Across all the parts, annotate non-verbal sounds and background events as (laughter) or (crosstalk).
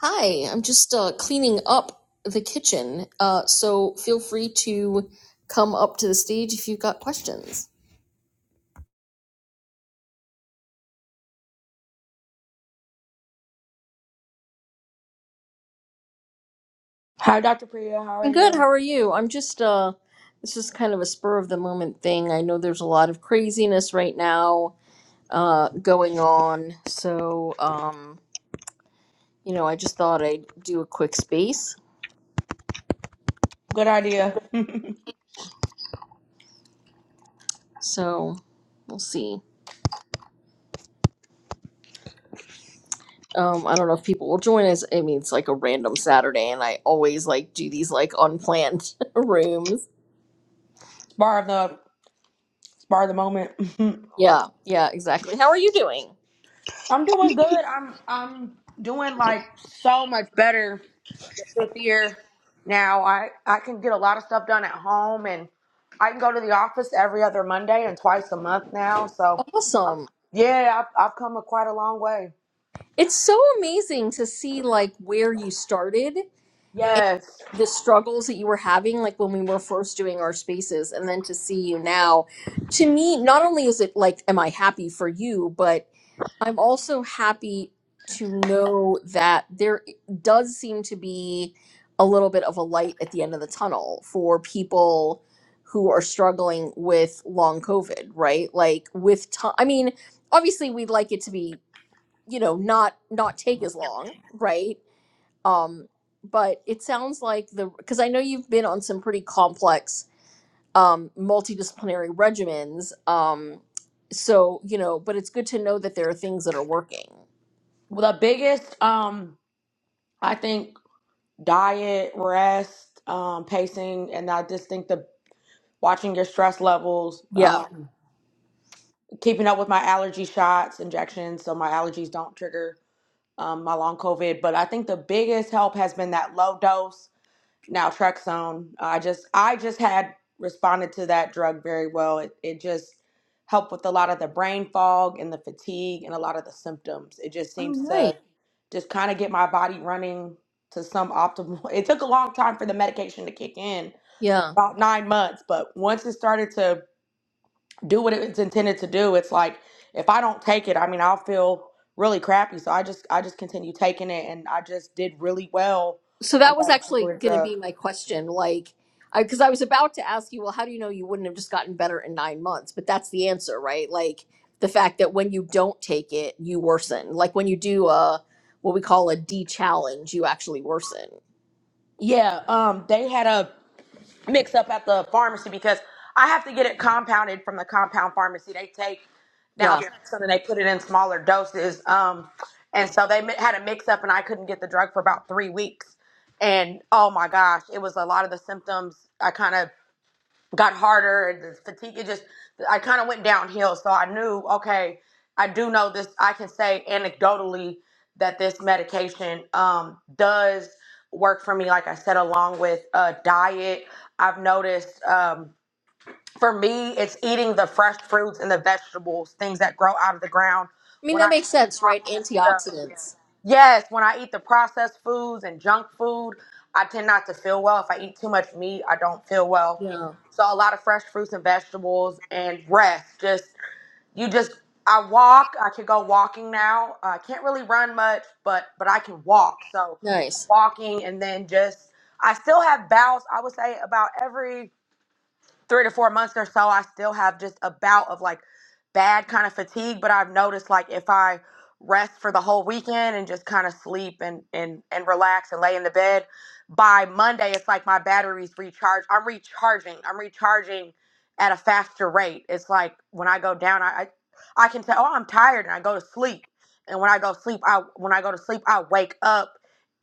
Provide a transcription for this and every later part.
Hi, I'm just uh, cleaning up the kitchen, uh, so feel free to come up to the stage if you've got questions. Hi, Dr. Priya. How are I'm good. you? How are you? I'm just, uh, this is kind of a spur of the moment thing. I know there's a lot of craziness right now uh, going on, so, um, you know, I just thought I'd do a quick space. Good idea. (laughs) So we'll see. Um, I don't know if people will join us. I mean, it's like a random Saturday, and I always like do these like unplanned (laughs) rooms spar of the spar of the moment. (laughs) Yeah, yeah, exactly. How are you doing? I'm doing good. I'm I'm doing like so much better this year now. I I can get a lot of stuff done at home, and I can go to the office every other Monday and twice a month now. So Awesome. yeah, I've I've come a quite a long way. It's so amazing to see like where you started and Yes, the struggles that you were having like when we were first doing our spaces and then to see you now. To me, not only is it like am I happy for you, but I'm also happy to know that there does seem to be a little bit of a light at the end of the tunnel for people who are struggling with long COVID, right? Like with time, I mean, obviously we'd like it to be, you know, not not take as long, right? Um, but it sounds like the because I know you've been on some pretty complex um, multidisciplinary regimens. Um, so you know, but it's good to know that there are things that are working. Well, the biggest um I think diet, rest, um, pacing, and I just think the watching your stress levels. Yeah. Um, keeping up with my allergy shots, injections, so my allergies don't trigger um, my long COVID. But I think the biggest help has been that low dose naltrexone. I just I just had responded to that drug very well. It it just helped with a lot of the brain fog and the fatigue and a lot of the symptoms. It just Oh, seems nice. to just kind of get my body running to some optimal. (laughs) It took a long time for the medication to kick in, Yeah. about nine months, but once it started to do what it's intended to do. It's like if I don't take it, I mean, I'll feel really crappy. So I just I just continue taking it, and I just did really well So on that was that actually particular going to be drug. my question. Like, I, because I was about to ask you, well, how do you know you wouldn't have just gotten better in nine months? But that's the answer, right? Like, the fact that when you don't take it, you worsen. Like, when you do a, what we call a D challenge, you actually worsen. Yeah, um, they had a mix up at the pharmacy because I have to get it compounded from the compound pharmacy. They take now Yeah. naltrexone and they put it in smaller doses. Um, and so they mi- had a mix up, and I couldn't get the drug for about three weeks. And oh my gosh, it was a lot of the symptoms. I kind of got harder and the fatigue it just i kind of went downhill so i knew okay i do know this i can say anecdotally that this medication um, does work for me like i said along with uh, diet i've noticed um, for me, it's eating the fresh fruits and the vegetables, things that grow out of the ground. I mean, When I that makes eat the sense, right? processed stuff, Antioxidants. yes, when I eat the processed foods and junk food, I tend not to feel well. If I eat too much meat, I don't feel well. Yeah. So a lot of fresh fruits and vegetables and rest. Just you just I walk. I can go walking now. I can't really run much, but but I can walk. So Nice. walking and then just I still have bouts. I would say about every three to four months or so, I still have just a bout of like bad kind of fatigue. But I've noticed like if I rest for the whole weekend and just kind of sleep and and and relax and lay in the bed, by Monday it's like my batteries recharge. I'm recharging. I'm recharging at a faster rate. It's like when I go down, I I, I can tell oh I'm tired and I go to sleep. And when I go sleep, I when I go to sleep, I wake up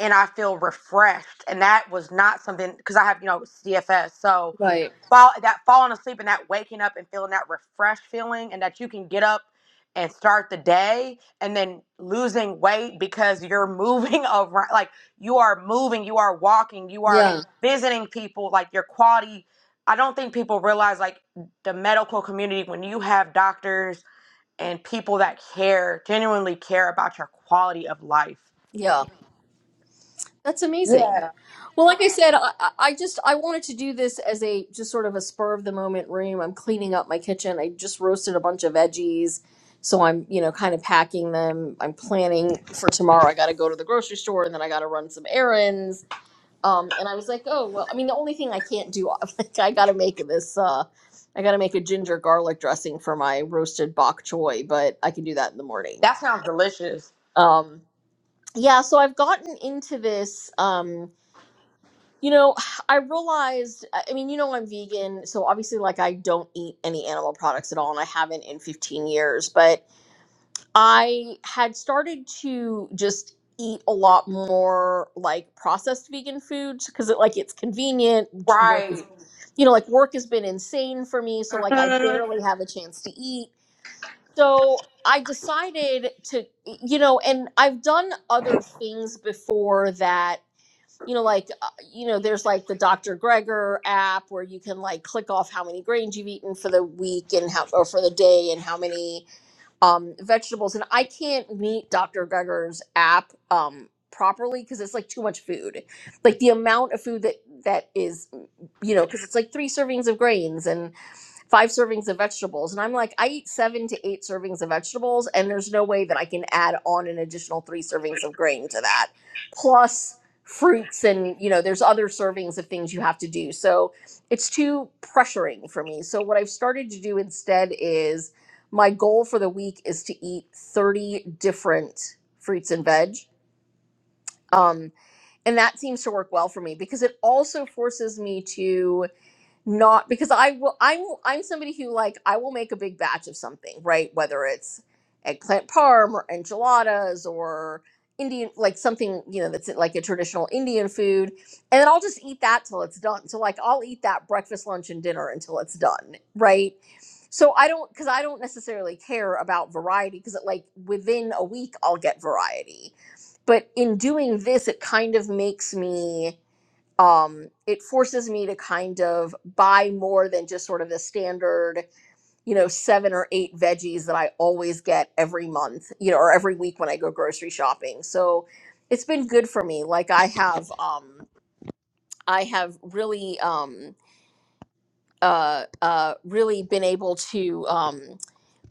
and I feel refreshed. And that was not something because I have you know CFS, so Right. fall that falling asleep and that waking up and feeling that refreshed feeling and that you can get up and start the day and then losing weight because you're moving (laughs) around like you are moving you are walking you are Yeah. visiting people like your quality i don't think people realize like the medical community when you have doctors and people that care genuinely care about your quality of life Yeah. That's amazing. yeah Well, like I said, I, I I just I wanted to do this as a just sort of a spur of the moment room. I'm cleaning up my kitchen. I just roasted a bunch of veggies, so I'm you know kind of packing them. I'm planning for tomorrow. I got to go to the grocery store and then I got to run some errands. Um, and I was like, oh well. I mean, the only thing I can't do, (laughs) like, I got to make this. Uh, I got to make a ginger garlic dressing for my roasted bok choy, but I can do that in the morning. that sounds delicious Um, yeah, so I've gotten into this. Um, you know, (sighs) I realized, I mean, you know, I'm vegan, so obviously, like, I don't eat any animal products at all, and I haven't in 15 years, but I had started to just eat a lot more like processed vegan foods because it like it's convenient j- work is, right you know like work has been insane for me so like i (laughs) barely have a chance to eat so i decided to you know and i've done other things before that you know, like, uh, you know, there's like the Dr. Greger app where you can like click off how many grains you've eaten for the week and how, or for the day and how many, um, vegetables, and I can't meet Dr. Geiger's app um, properly because it's like too much food. Like the amount of food that that is, you know, because it's like three servings of grains and five servings of vegetables, and I'm like, I eat seven to eight servings of vegetables, and there's no way that I can add on an additional three servings of grain to that, plus fruits and you know there's other servings of things you have to do so it's too pressuring for me so what i've started to do instead is my goal for the week is to eat 30 different fruits and veg um, and that seems to work well for me because it also forces me to not because I will I'm I'm somebody who like I will make a big batch of something, right? Whether it's eggplant parm or enchiladas or Indian like something, you know, that's like a traditional Indian food. And then I'll just eat that till it's done. So like I'll eat that breakfast, lunch, and dinner until it's done, right? So I don't because I don't necessarily care about variety because like within a week I'll get variety. But in doing this, it kind of makes me um, it forces me to kind of buy more than just sort of the standard, you know, seven or eight veggies that I always get every month, you know, or every week when I go grocery shopping. So it's been good for me. Like I have, um, I have really, um, uh, uh, really been able to um,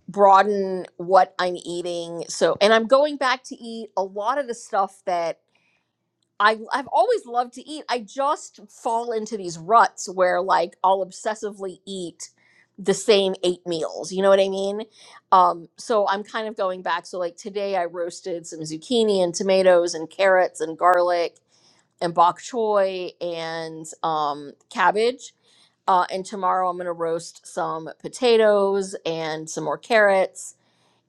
broaden what I'm eating. So, and I'm going back to eat a lot of the stuff that I I've always loved to eat. I just fall into these ruts where like I'll obsessively eat the same eight meals. You know what I mean? Um, so I'm kind of going back. So like today I roasted some zucchini and tomatoes and carrots and garlic and bok choy and um, cabbage. Uh, and tomorrow I'm gonna roast some potatoes and some more carrots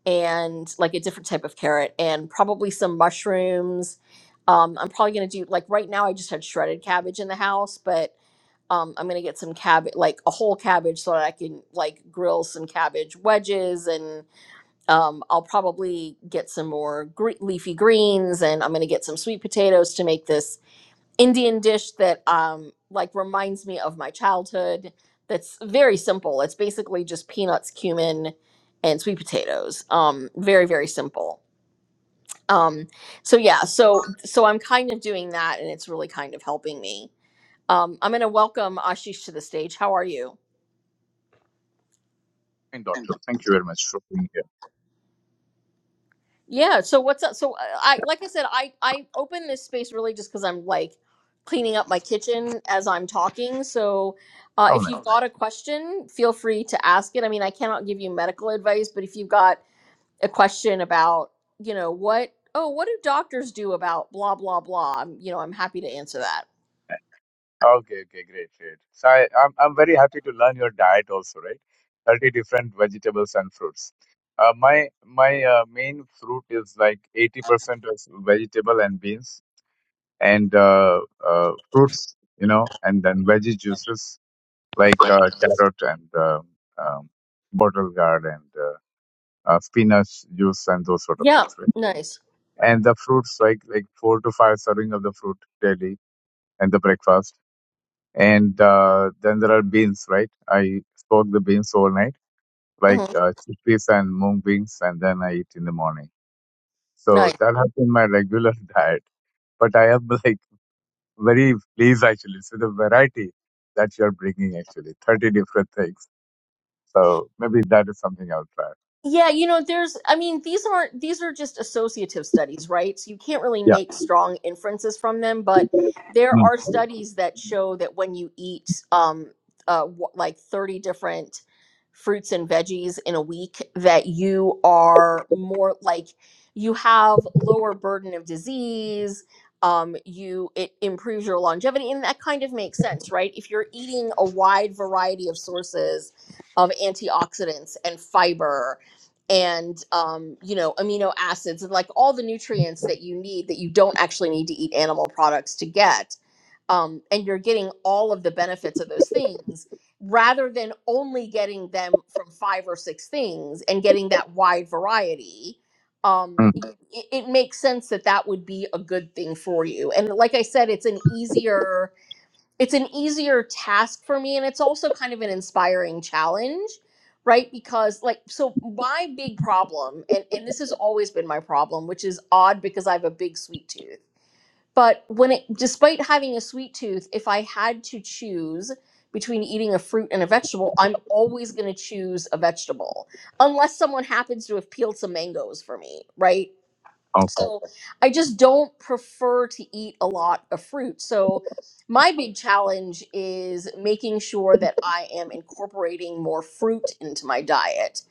and like a different type of carrot and probably some mushrooms. Um, I'm probably gonna do like right now I just had shredded cabbage in the house, but um, I'm gonna get some cabbage, like a whole cabbage, so that I can like grill some cabbage wedges, and um, I'll probably get some more gre- leafy greens, and I'm gonna get some sweet potatoes to make this Indian dish that um like reminds me of my childhood that's very simple. It's basically just peanuts, cumin, and sweet potatoes. Um very very simple. Um so yeah, so so I'm kind of doing that and it's really kind of helping me. Um I'm going to welcome Ashish to the stage. How are you? Fine, doctor. Thank you very much for being here. Yeah. So what's up? So uh, I like I said, I I open this space really just because I'm like cleaning up my kitchen as I'm talking. So uh, How if nice. you've got a question, feel free to ask it. I mean, I cannot give you medical advice, but if you've got a question about you know what oh what do doctors do about blah blah blah, I'm, you know, I'm happy to answer that. Okay, okay, great, great. So I, I'm, I'm very happy to learn your diet also, right? 30 different vegetables and fruits. Uh, my my uh, main fruit is like 80% of vegetable and beans and uh, uh, fruits, you know, and then veggie juices like uh, carrot and um, um, bottle gourd and uh, uh, spinach juice and those sort of Yeah. things, right? Nice. And the fruits like like four to five serving of the fruit daily and the breakfast. And uh, then there are beans, right? I soak the beans overnight, like hmm uh, chickpeas and mung beans, and then I eat in the morning. Nice. So that has been my regular (laughs) diet. But I am like very pleased actually with the variety that you are bringing. Actually, thirty different things. So maybe that is something I'll try. Yeah, you know, there's, I mean, these aren't, these are just associative studies, right? So you can't really Yeah. make strong inferences from them, but there Mm. are studies that show that when you eat um, uh, wh- like 30 different fruits and veggies in a week, that you are more like you have lower burden of disease. Um, you, it improves your longevity. And that kind of makes sense, right? If you're eating a wide variety of sources of antioxidants and fiber, and um, you know amino acids and like all the nutrients that you need that you don't actually need to eat animal products to get um, and you're getting all of the benefits of those things rather than only getting them from five or six things and getting that wide variety um, Mm. y- it, it makes sense that that would be a good thing for you and like i said it's an easier it's an easier task for me and it's also kind of an inspiring challenge right because like so my big problem and, and this has always been my problem which is odd because i have a big sweet tooth but when it despite having a sweet tooth if i had to choose between eating a fruit and a vegetable i'm always going to choose a vegetable unless someone happens to have peeled some mangoes for me right Okay. so I just don't prefer to eat a lot of fruit. So my big challenge is making sure that I am incorporating more fruit into my diet.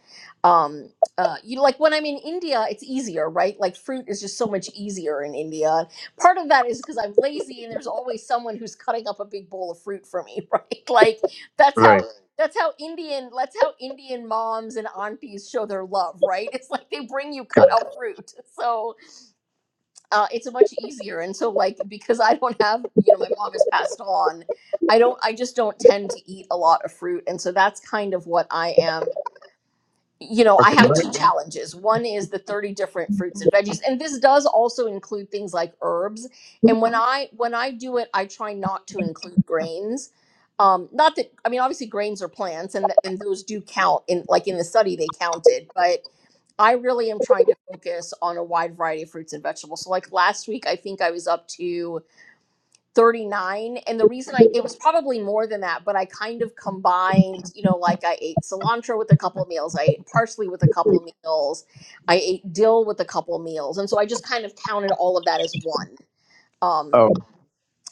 Um, uh, you know, like when I'm in India, it's easier, right? Like fruit is just so much easier in India. Part of that is because I'm lazy, and there's always someone who's cutting up a big bowl of fruit for me, (laughs) right? Like that's how Right. that's how Indian that's how Indian moms and aunties show their love, right? It's like they bring you cut Correct. up fruit. So uh, it's much easier. And so, like, because I don't have, you know, my mom has passed on, I don't, I just don't tend to eat a lot of fruit. And so that's kind of what I am. You know, I Okay. have two challenges. One is the 30 different fruits and veggies. And this does also include things like herbs. And when I, when I do it, I try not to include grains. Um, not that, I mean, obviously grains are plants and, th- and those do count in, like in the study, they counted, but I really am trying to focus on a wide variety of fruits and vegetables. So like last week I think I was up to 39 and the reason I it was probably more than that, but I kind of combined, you know, like I ate cilantro with a couple of meals, I ate parsley with a couple of meals, I ate dill with a couple of meals. And so I just kind of counted all of that as one. Um, Oh,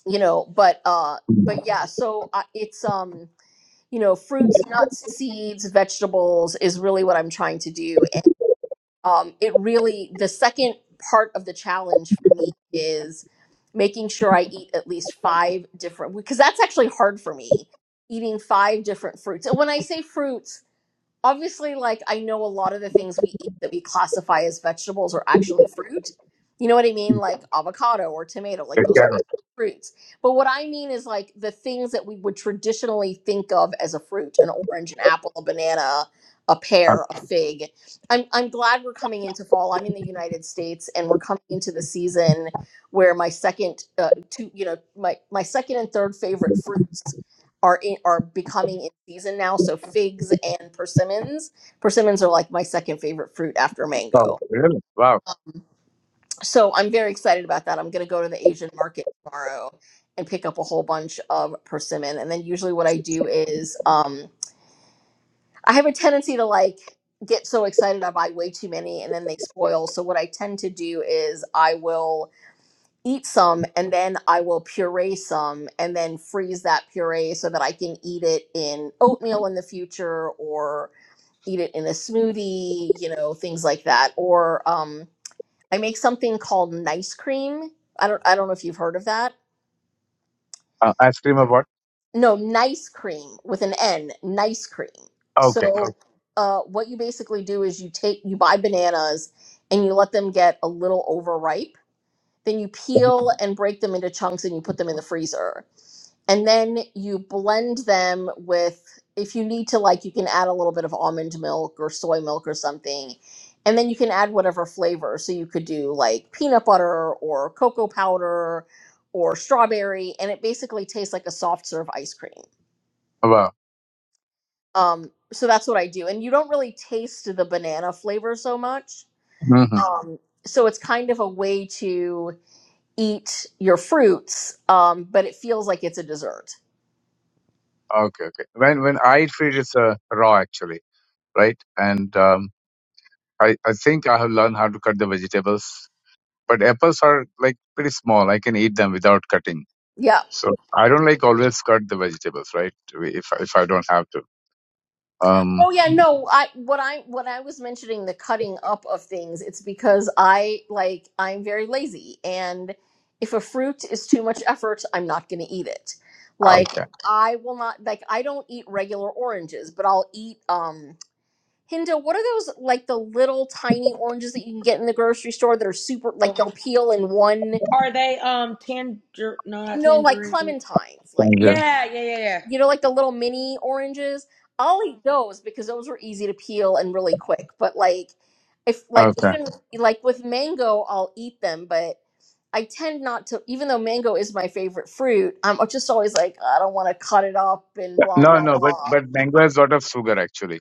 you know, but uh but yeah, so I, it's um you know, fruits, nuts, seeds, vegetables is really what I'm trying to do um, it really the second part of the challenge for me is making sure I eat at least five different because that's actually hard for me eating five different fruits. And when I say fruits, obviously like I know a lot of the things we eat that we classify as vegetables are actually fruit. You know what I mean? Like avocado or tomato, like the those are carrot. actually fruits. But what I mean is like the things that we would traditionally think of as a fruit, an orange, an apple, a banana, a Uh, pear, a fig. I'm I'm glad we're coming into fall. I'm in the United States and we're coming into the season where my second uh, two, you know, my my second and third favorite fruits are in, are becoming in season now. So figs and persimmons. Persimmons are like my second favorite fruit after oh, mango. really? Wow. So I'm very excited about that. I'm going to go to the Asian market tomorrow and pick up a whole bunch of persimmon. And then usually what I do is um, I have a tendency to like get so excited I buy way too many and then they spoil. So what I tend to do is I will eat some and then I will puree some and then freeze that puree so that I can eat it in oatmeal in the future or eat it in a smoothie, you know, things like that. Or um, I make something called nice cream. I don't I don't know if you've heard of that. Uh, ice cream of what? No, nice cream with an N, nice cream. Okay. So okay. uh, what you basically do is you take you buy bananas and you let them get a little overripe. Then you peel and break them into chunks and you put them in the freezer and then you blend them with if you need to like you can add a little bit of almond milk or soy milk or something and then you can add whatever flavor so you could do like peanut butter or cocoa powder or strawberry and it basically tastes like a soft serve ice cream Wow. um, so that's what i do and you don't really taste the banana flavor so much hmm um, so it's kind of a way to eat your fruits um, but it feels like it's a dessert Okay, okay. When when I feed it's uh, raw actually, right? And um, I I think I have learned how to cut the vegetables. But apples are like pretty small. I can eat them without cutting. yeah So I don't like always cut the vegetables, right? If if I don't have to. Um. Oh yeah, no, I what I what I was mentioning the cutting up of things, it's because I like I'm very lazy and if a fruit is too much effort, I'm not going to eat it. Like Okay. I will not like I don't eat regular oranges, but I'll eat um Hinda, what are those like the little tiny oranges that you can get in the grocery store that are super like they'll peel in one? Are they um tanger? No, not No, like tangerines. clementines, like Thank you. Yeah, yeah, yeah, yeah. you know, like the little mini oranges. I'll eat those because those were easy to peel and really quick. But like, if like Okay. even like with mango, I'll eat them, but I tend not to. Even though mango is my favorite fruit, I'm just always like, I don't want to cut it up and blah No, blah no. But blah. but mango has a lot of sugar actually.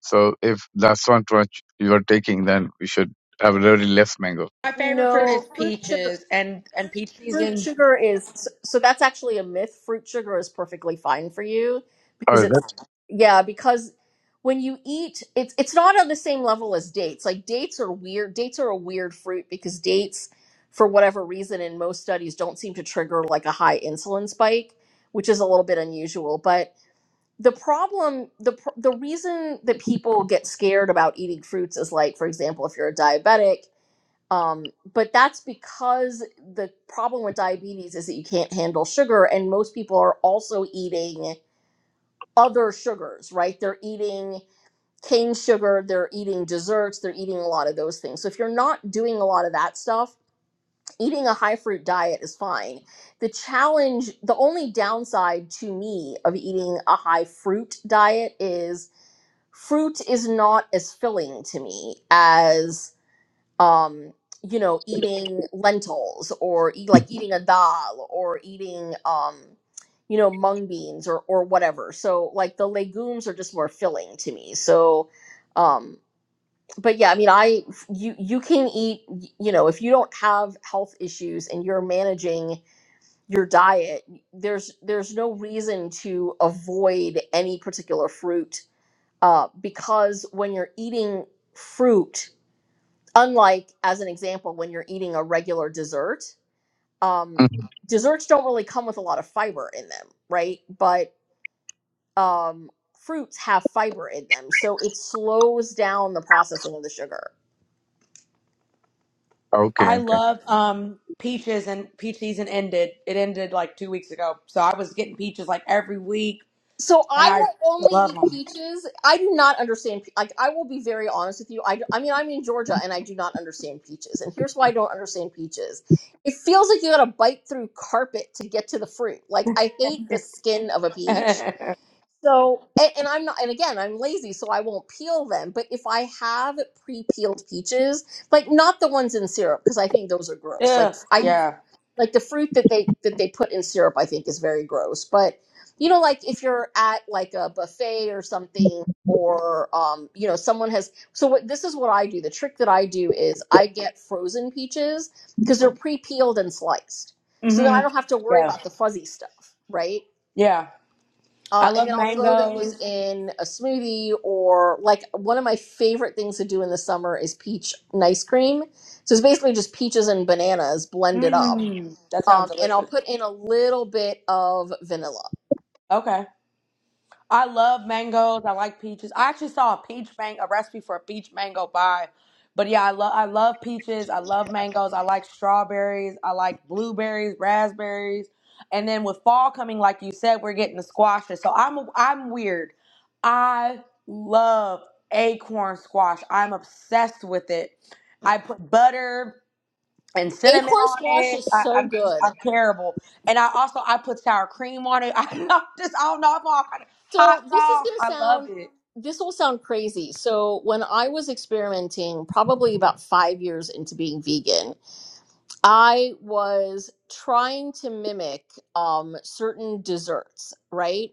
So if that's not what you are taking, then we should have really less mango. My favorite fruit No is fruit sugar. peaches, and and peach Fruit season. sugar is so so that's actually a myth. Fruit sugar is perfectly fine for you because Oh, it's that's yeah, because when you eat it's it's not on the same level as dates. Like dates are weird. Dates are a weird fruit because dates for whatever reason in most studies don't seem to trigger like a high insulin spike, which is a little bit unusual, but the problem the pr- the reason that people get scared about eating fruits is like for example if you're a diabetic um, but that's because the problem with diabetes is that you can't handle sugar, and most people are also eating other sugars, right? They're eating cane sugar, they're eating desserts, they're eating a lot of those things. So if you're not doing a lot of that stuff, eating a high fruit diet is fine. The challenge, the only downside to me of eating a high fruit diet is fruit is not as filling to me as um you know eating lentils or eat, like eating a dal or eating um you know mung beans or or whatever so like the legumes are just more filling to me so um but yeah i mean i you you can eat y- you know if you don't have health issues and you're managing your diet there's there's no reason to avoid any particular fruit uh because when you're eating fruit unlike as an example when you're eating a regular dessert (laughs) um, Mhm. desserts don't really come with a lot of fiber in them right but um, fruits have fiber in them so it slows down the processing of the sugar okay. I Okay. love um peaches, and peach season ended. It ended like two weeks ago, so I was getting peaches like every week, so and i I will only love eat them. peaches i do not understand pe- like i will be very honest with you I, d- I mean i'm in georgia and i do not understand peaches and here's why i don't understand peaches it feels like you gotta bite through carpet to get to the fruit like i hate the skin of a peach So, and, and I'm not, and again, I'm lazy, so I won't peel them. But if I have pre-peeled peaches, like not the ones in syrup, because I think those are (laughs) gross. Like Ugh, I Mm. yeah. like the fruit that they that they put in syrup, I think is very gross. But you know, like if you're at like a buffet or something, or um, you know, someone has. So what this is what I do. The trick that I do is I get frozen peaches because they're pre-peeled and sliced, so then hmm I don't have to worry Yeah. about the fuzzy stuff, right? Yeah. I Uh, and love then I'll throw those mangoes. in a smoothie or like one of my favorite things to do in the summer is peach nice cream. So it's basically just peaches and bananas blended up. Mm, that Um, sounds and I'll delicious. put in a little bit of vanilla. Okay. I love mangoes. I like peaches. I actually saw a peach mango, a recipe for a peach mango pie. But yeah, I love I love peaches. I love mangoes. I like strawberries. I like blueberries, raspberries. And then with fall coming, like you said, we're getting the squashes. So I'm I'm weird. I love acorn squash. I'm obsessed with it. I put butter, and cinnamon Acorn on squash it. is I, so I'm just good. I'm terrible. And I also I put sour cream on it. (laughs) I just I don't know. I'm all kind of hot So this is sauce. going to I love sound, it. this will sound crazy. So when I was experimenting, probably about five years into being vegan, I was trying to mimic um, certain desserts, right?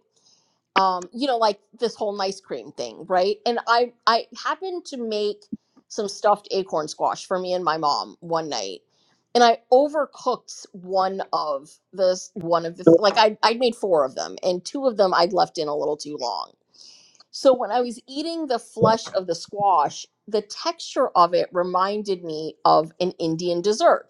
um you know like this whole nice cream thing right and i i happened to make some stuffed acorn squash for me and my mom one night and i overcooked one of this one of the like i i would made four of them and two of them i'd left in a little too long so when i was eating the flesh of the squash the texture of it reminded me of an indian dessert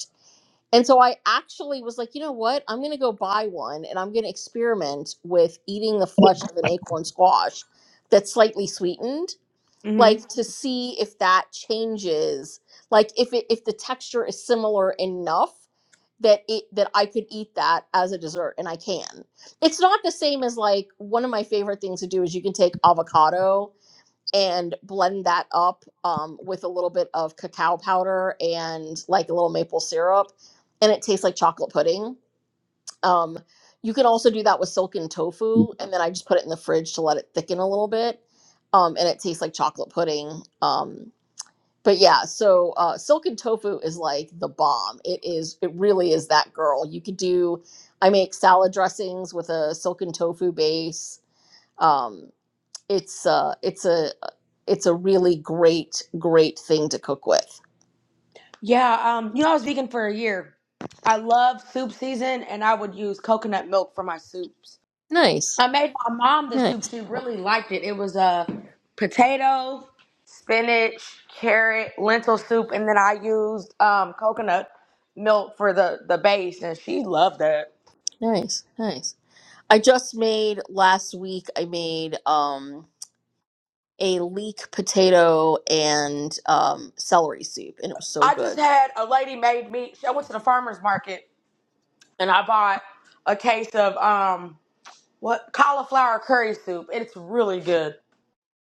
and so I actually was like, you know what? I'm going to go buy one and I'm going to experiment with eating the flesh of an acorn squash that's slightly sweetened, hmm like to see if that changes, like if it if the texture is similar enough that it that I could eat that as a dessert and I can. It's not the same as like one of my favorite things to do is you can take avocado and blend that up um, with a little bit of cacao powder and like a little maple syrup, and it tastes like chocolate pudding. Um, you can also do that with silken tofu, and then I just put it in the fridge to let it thicken a little bit, um, and it tastes like chocolate pudding. Um, but yeah, so uh, silken tofu is like the bomb. It is, it really is that girl. You could do, I make salad dressings with a silken tofu base. Um, it's uh it's a it's a really great great thing to cook with Yeah. Um. You know, I was vegan for a year. I love soup season, and I would use coconut milk for my soups. nice I made my mom the soup. nice She really liked it. It was a potato, spinach, carrot, lentil soup, and then I used um coconut milk for the the base, and she loved that. nice nice i just made last week i made um a leek potato and um celery soup and it was so I just good had a lady made me. She, I went to the farmers market and I bought a case of um what cauliflower curry soup. It's really good.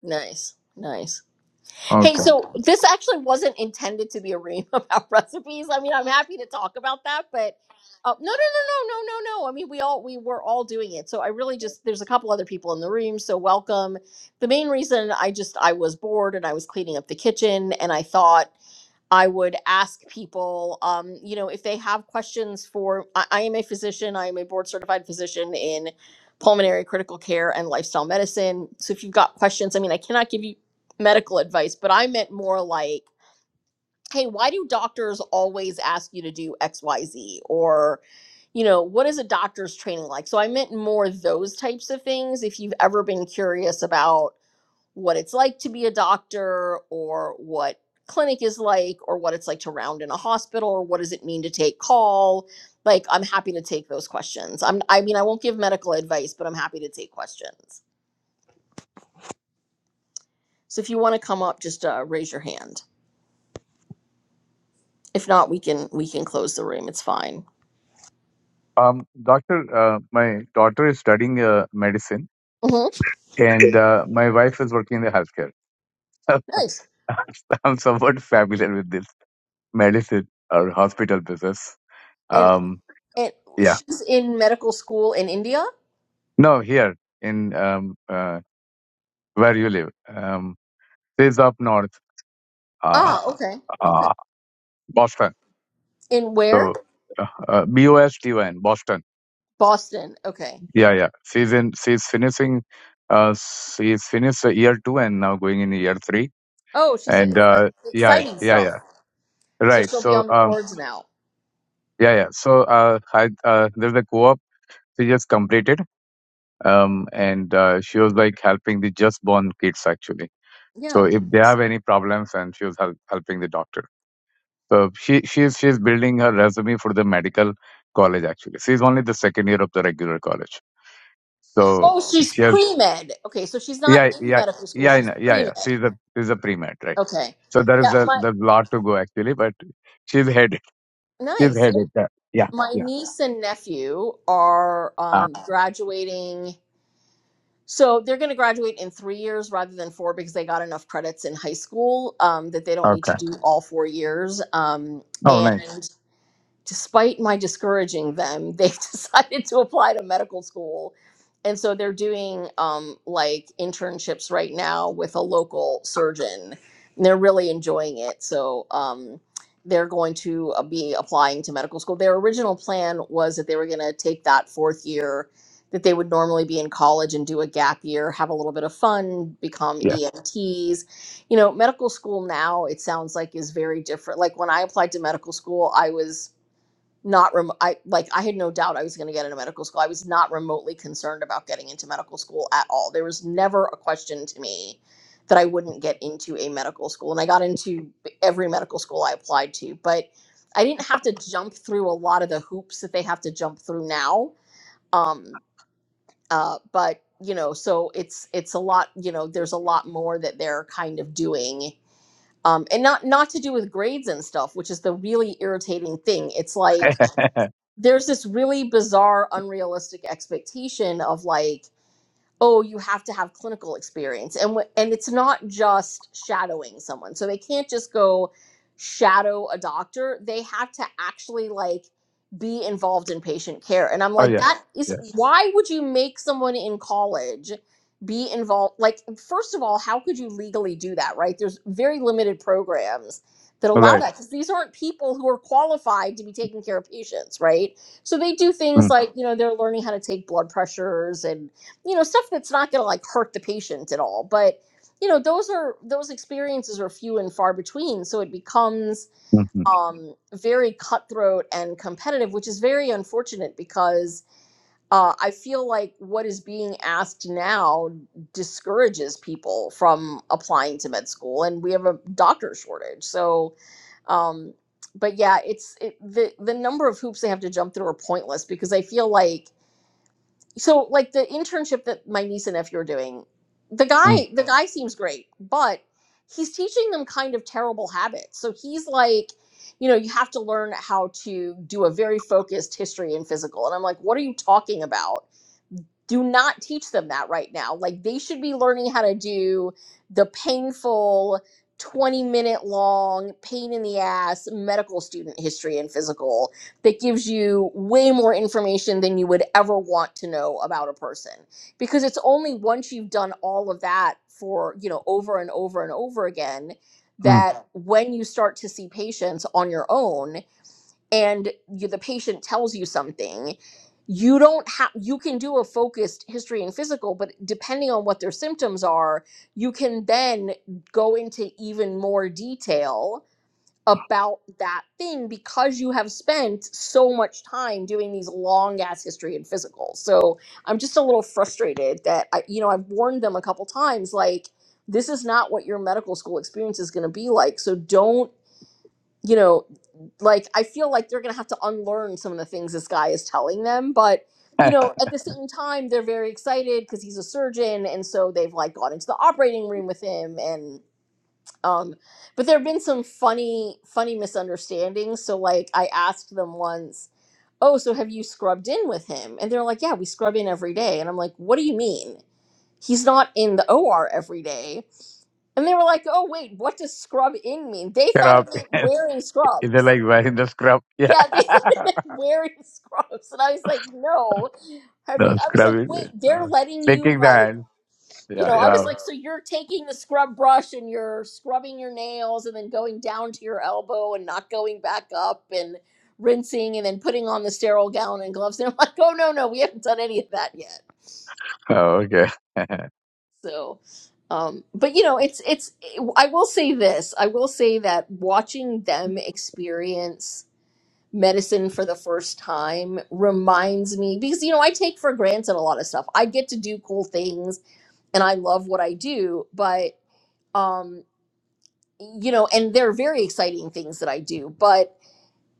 nice nice Okay. Hey, so this actually wasn't intended to be a ream (laughs) about recipes. I mean, I'm happy to talk about that, but uh, no, no, no, no, no, no, no. I mean, we all we were all doing it. So I really just there's a couple other people in the room, so welcome. The main reason I just I was bored and I was cleaning up the kitchen and I thought I would ask people, um, you know, if they have questions for. I, I am a physician. I am a board certified physician in pulmonary critical care and lifestyle medicine. So if you've got questions, I mean, I cannot give you medical advice, but I meant more like, hey, why do doctors always ask you to do X, Y, Z, or you know, what is a doctor's training like? So I meant more those types of things. If you've ever been curious about what it's like to be a doctor or what clinic is like or what it's like to round in a hospital or what does it mean to take call like i'm happy to take those questions i'm i mean i won't give medical advice but i'm happy to take questions so if you want to come up just uh, raise your hand if not we can we can close the room it's fine Um, doctor, uh, my daughter is studying uh, medicine, hmm and uh, my wife is working in the healthcare. nice (laughs) I'm somewhat familiar with this medicine or hospital business. and Um, and yeah, she's in medical school in india no, here in um, uh, where you live, um, this is up north, uh, ah okay okay uh, Boston. in where So uh, uh, B O S T O N, Boston. boston okay Yeah, yeah. She's in. She's finishing. Uh, she's finished uh, year two and now going in year three. oh she's a, And it's uh, like yeah, exciting yeah, yeah. stuff So Right. she'll be So, on the um, wards now. yeah, yeah. So, uh, I, uh, there's a co-op she just completed, um, and uh, she was like helping the just born kids actually. So, Yeah. if they have any problems, and she was help, helping the doctor. So, she she's she's building her resume for the medical college actually. She's only the second year of the regular college. So, Oh, she's she has pre med. Okay, so she's not yeah in yeah medical school. yeah I She's know, yeah pre yeah. med. She's a she's a pre med right. Okay. So there Yeah. is a My there's a lot to go actually, but she's headed she's nice. headed there. Yeah My yeah. niece and nephew are Ah, um, graduating. So they're going to graduate in three years rather than four because they got enough credits in high school um, that they don't need okay. to do all four years. Um, Oh, and nice. despite my discouraging them, they've (laughs) decided to apply to medical school. And so they're doing um, like internships right now with a local surgeon. And they're really enjoying it. So um, they're going to uh, be applying to medical school. Their original plan was that they were going to take that fourth year that they would normally be in college and do a gap year, have a little bit of fun, become Yes. EMTs, you know medical school now it sounds like is very different like when i applied to medical school i was not rem- I like I had no doubt I was going to get into medical school. I was not remotely concerned about getting into medical school at all. There was never a question to me that I wouldn't get into a medical school and I got into every medical school I applied to, but I didn't have to jump through a lot of the hoops that they have to jump through now. Um uh but you know, so it's it's a lot, you know, there's a lot more that they're kind of doing um, and not not to do with grades and stuff, which is the really irritating thing. It's (laughs) like there's this really bizarre unrealistic expectation of like oh you have to have clinical experience and wh- and it's not just shadowing someone so they can't just go shadow a doctor they have to actually like be involved in patient care and i'm oh, like that yes. is Yes. why would you make someone in college be involved like first of all how could you legally do that right there's very limited programs that allow Right. that because these aren't people who are qualified to be taking care of patients right so they do things Mm, like you know they're learning how to take blood pressures and you know stuff that's not going to like hurt the patient at all but you know those are those experiences are few and far between so it becomes mm, mm, um, very cutthroat and competitive which is very unfortunate because uh, i feel like what is being asked now discourages people from applying to med school and we have a doctor shortage so um, but yeah it's it, the the number of hoops they have to jump through are pointless because i feel like so like the internship that my niece and nephew are doing the mm, guy the guy seems great but he's teaching them kind of terrible habits so he's like you know you have to learn how to do a very focused history and physical and i'm like what are you talking about do not teach them that right now. Like they should be learning how to do the painful 20 minute long pain in the ass medical student history and physical that gives you way more information than you would ever want to know about a person because it's only once you've done all of that for you know over and over and over again mm. that when you start to see patients on your own and you, the patient tells you something you don't have you can do a focused history and physical but depending on what their symptoms are you can then go into even more detail about that thing because you have spent so much time doing these long ass history and physicals so i'm just a little frustrated that i you know i've warned them a couple times like this is not what your medical school experience is going to be like so don't you know, like I feel like they're gonna have to unlearn some of the things this guy is telling them. But you (laughs) know, at the same time, they're very excited because he's a surgeon, and so they've like gone into the operating room with him. And um, but there have been some funny, funny misunderstandings. So like, I asked them once, "Oh, so have you scrubbed in with him?" And they're like, "Yeah, we scrub in every day." And I'm like, "What do you mean?" He's not in the OR every day. And they were like, oh, wait, what does scrub in mean? They thought it Scrub. meant (laughs) wearing They're scrubs. like wearing the scrub. Yeah. Yeah, they (laughs) (laughs) started like wearing scrubs, and I was like, "No, have the you?" I was scrub. like, is it. "Wait, they're Uh, letting you taking the like, hand. you know?" Yeah. I was Wow. like, "So you're taking the scrub brush and you're scrubbing your nails, and then going down to your elbow and not going back up, and rinsing, and then putting on the sterile gown and gloves." And I'm like, "Oh no, no, we haven't done any of that yet." Oh, okay. (laughs) So, um, but you know, it's it's. I will say this. I will say that watching them experience. medicine for the first time reminds me because you know I take for granted a lot of stuff. I get to do cool things and I love what I do, but um you know and they're very exciting things that I do, but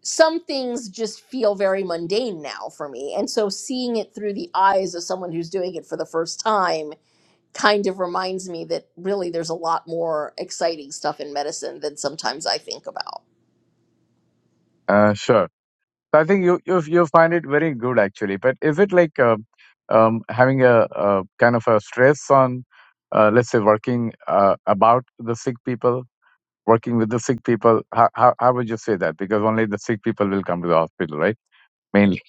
some things just feel very mundane now for me. And so seeing it through the eyes of someone who's doing it for the first time kind of reminds me that really there's a lot more exciting stuff in medicine than sometimes I think about. uh, sure. So I think you, you you find it very good actually. But is it like um um, having a, a kind of a stress on, uh, let's say, working uh, about the sick people? working with the sick people. How, how, how would you say that? Because only the sick people will come to the hospital, right? Mainly.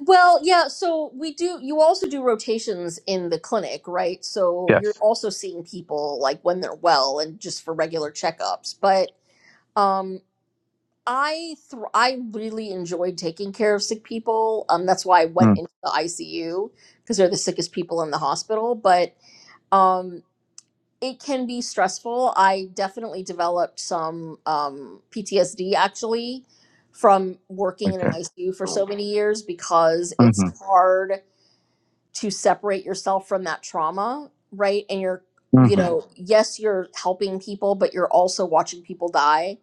Well, yeah, so we do, you also do rotations in the clinic, right? So you're Yes. also seeing people like when they're well and just for regular checkups. But um I thr I really enjoyed taking care of sick people. Um that's why I went Mm, into the ICU because they're the sickest people in the hospital, but um it can be stressful. I definitely developed some um PTSD actually from working in an okay. ICU for so many years because it's Mm-hmm. hard to separate yourself from that trauma, right? And you're, you Mm-hmm. know, yes, you're helping people, but you're also watching people die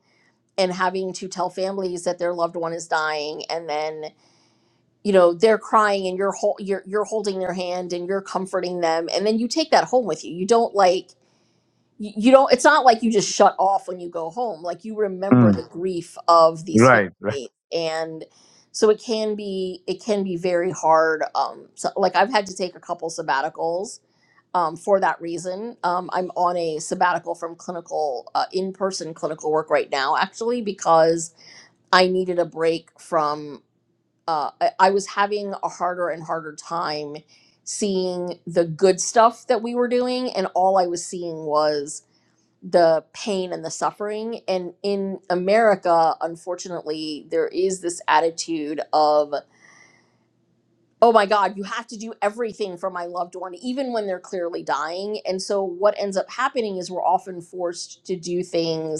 and having to tell families that their loved one is dying and then you know they're crying and you're hol- you're you're holding their hand and you're comforting them and then you take that home with you. You don't like you, you don't it's not like you just shut off when you go home like you remember Mm. the grief of these Right. Right. families and so it can be it can be very hard um so, like i've had to take a couple sabbaticals um, for that reason um, i'm on a sabbatical from clinical uh, in-person clinical work right now actually because i needed a break from uh, I, I was having a harder and harder time seeing the good stuff that we were doing and all i was seeing was the pain and the suffering. And in America, unfortunately, there is this attitude of, oh my God, you have to do everything for my loved one, even when they're clearly dying. And so what ends up happening is we're often forced to do things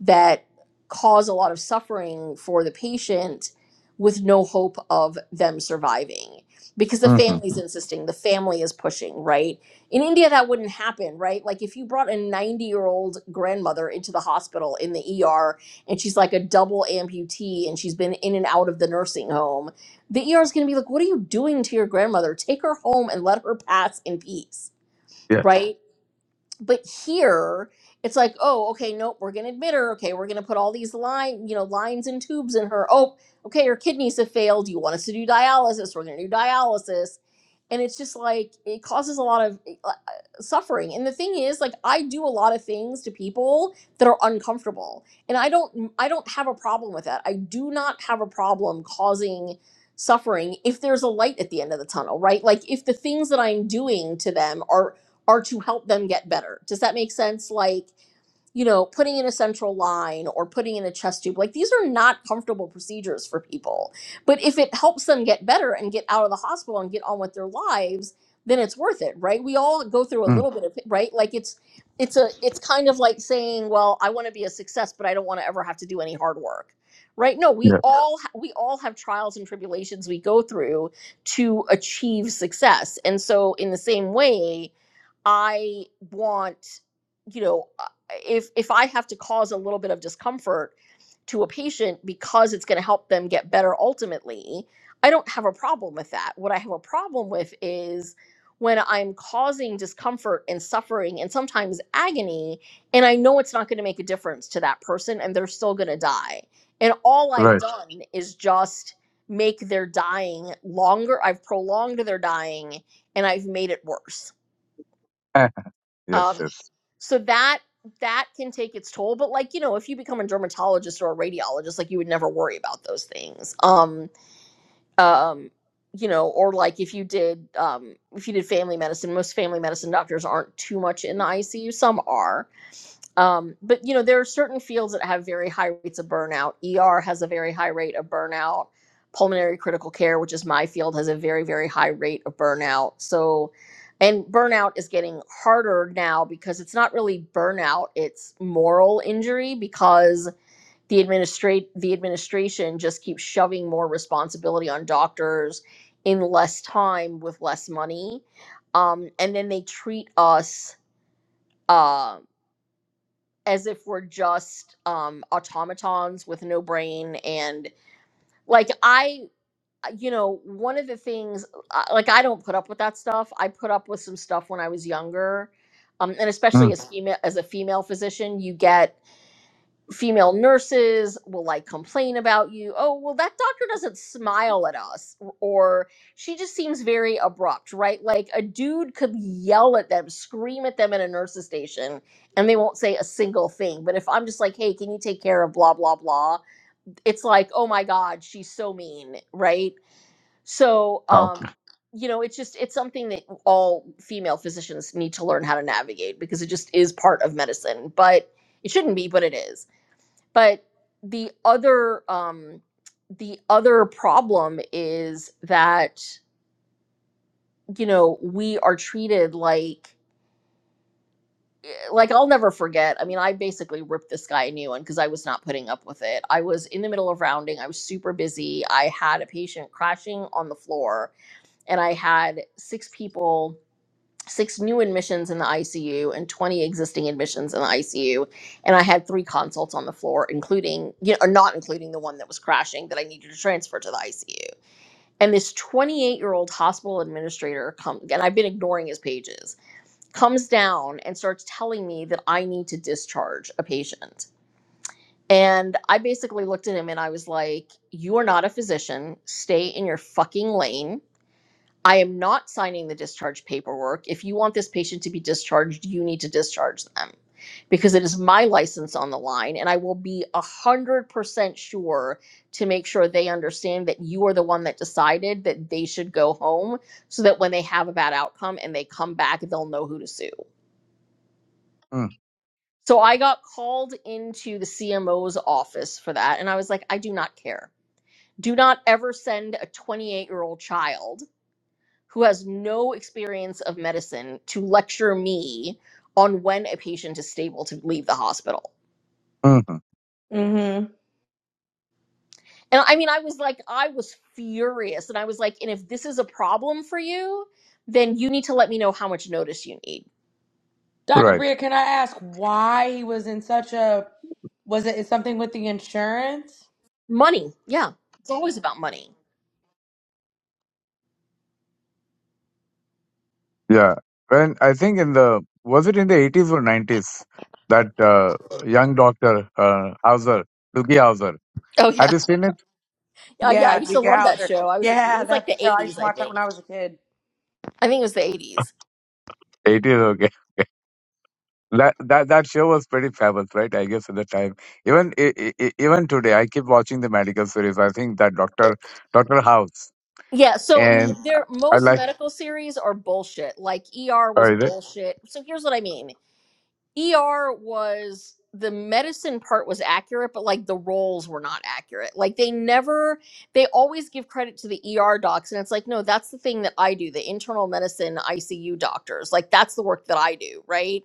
that cause a lot of suffering for the patient with no hope of them surviving because the Mm-hmm. family's insisting the family is pushing right in india that wouldn't happen right like if you brought a 90 year old grandmother into the hospital in the er and she's like a double amputee and she's been in and out of the nursing home the er is going to be like what are you doing to your grandmother take her home and let her pass in peace Yes. right but here it's like oh okay nope we're gonna admit her okay we're gonna put all these line you know lines and tubes in her oh okay her kidneys have failed you want us to do dialysis we're gonna do dialysis and it's just like it causes a lot of eh, uh, uh, suffering and the thing is like i do a lot of things to people that are uncomfortable and i don't mm, i don't have a problem with that i do not have a problem causing suffering if there's a light at the end of the tunnel right like if the things that i'm doing to them are are to help them get better. Does that make sense? Like, you know, putting in a central line or putting in a chest tube, like these are not comfortable procedures for people. But if it helps them get better and get out of the hospital and get on with their lives, then it's worth it, right? We all go through a Mm. little bit of it, right? Like it's it's a it's kind of like saying, well, I want to be a success, but I don't want to ever have to do any hard work. Right? No, we Yeah. all ha- we all have trials and tribulations we go through to achieve success. And so in the same way, I want, you know, uh, if if I have to cause a little bit of discomfort to a patient because it's going to help them get better ultimately, I don't have a problem with that. What I have a problem with is when I'm causing discomfort and suffering and sometimes agony, and I know it's not going to make a difference to that person and they're still going to die. And all I've Right. (laughs) done is just make their dying longer. I've prolonged their dying and I've made it worse. Eh, yes. Um, Yes. so that that can take its toll but like you know if you become a dermatologist or a radiologist like you would never worry about those things um um you know or like if you did um if you did family medicine most family medicine doctors aren't too much in the icu some are um, but you know, there are certain fields that have very high rates of burnout. ER has a very high rate of burnout. Pulmonary critical care, which is my field, has a very, very high rate of burnout. So, and burnout is getting harder now because it's not really burnout, it's moral injury because the administrate the administration just keeps shoving more responsibility on doctors in less time with less money. Um, and then they treat us um as if we're just um automatons with no brain and like i uh, you know one of the things uh, like i don't put up with that stuff i put up with some stuff when i was younger um and especially Mm. as female as a female physician you get female nurses will like complain about you. Oh, well, that doctor doesn't smile at us, or she just seems very abrupt, right? Like a dude could yell at them, scream at them in a nurse's station, and they won't say a single thing. But if I'm just like, hey, can you take care of blah, blah, blah, it's like, oh my God, she's so mean, right? So, How? um, you know, it's just it's something that all female physicians need to learn how to navigate because it just is part of medicine. But it shouldn't be, but it is but the other um the other problem is that you know we are treated like eh, like I'll never forget. I mean, I basically ripped this guy a new one because I was not putting up with it. I was in the middle of rounding. I was super busy. I had a patient crashing on the floor, and I had six people six new admissions in the ICU and 20 existing admissions in the ICU. And I had three consults on the floor, including, you know, or not including the one that was crashing that I needed to transfer to the ICU. And this 28 year old hospital administrator comes, and I've been ignoring his pages, comes down and starts telling me that I need to discharge a patient. And I basically looked at him and I was like, You are not a physician. Stay in your fucking lane I am not signing the discharge paperwork. If you want this patient to be discharged, you need to discharge them because it is my license on the line and I will be 100% sure to make sure they understand that you are the one that decided that they should go home so that when they have a bad outcome and they come back, they'll know who to sue. Mm. So I got called into the CMO's office for that and I was like, I do not care. Do not ever send a 28 year old child who has no experience of medicine to lecture me on when a patient is stable to leave the hospital. Mm-hmm. Mm-hmm. And I mean, I was like, I was furious. And I was like, and if this is a problem for you, then you need to let me know how much notice you need. Dr. Right. Bria, can I ask why he was in such a was it something with the insurance? Money. Yeah. It's always about money. Yeah. When I think in the was it in the eighties or nineties that uh, young doctor uh, Hauser, Doogie Hauser, Oh, yeah. had you seen it? Uh, yeah. I Yeah, used to Duke love that Hauser. show. I was, a, it Yeah, (laughs) was like that the show. I used 80s, to I watch that think. when I was a kid. I think it was the 80s. Eighties. okay. That that that show was pretty famous, right? I guess at the time, even e- e- e- even today, I keep watching the medical series. I think that Doctor Doctor House, Yeah, so n- and I there I most like. medical series are bullshit. Like ER Oh, was is it? bullshit. So here's what I mean. ER was the medicine part was accurate, but like the roles were not accurate. Like they never, they always give credit to the ER docs. And it's like, no, that's the thing that I do, the internal medicine ICU doctors. Like that's the work that I do, right?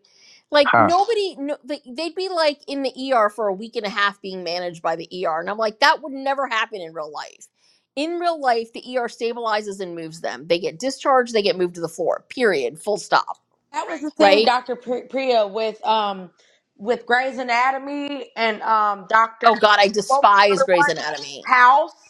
Like Huh. nobody, no, they- they'd be like in the ER for a week and a half being managed by the ER. And I'm like, that would never happen in real life. In real life, the ER stabilizes and moves them. They get discharged, they get moved to the floor, period, full stop, That was the thing, right? Dr. Pri- Priya, with um with Grey's Anatomy and um Dr. Oh God, I What was the despise other Grey's one? Anatomy. House.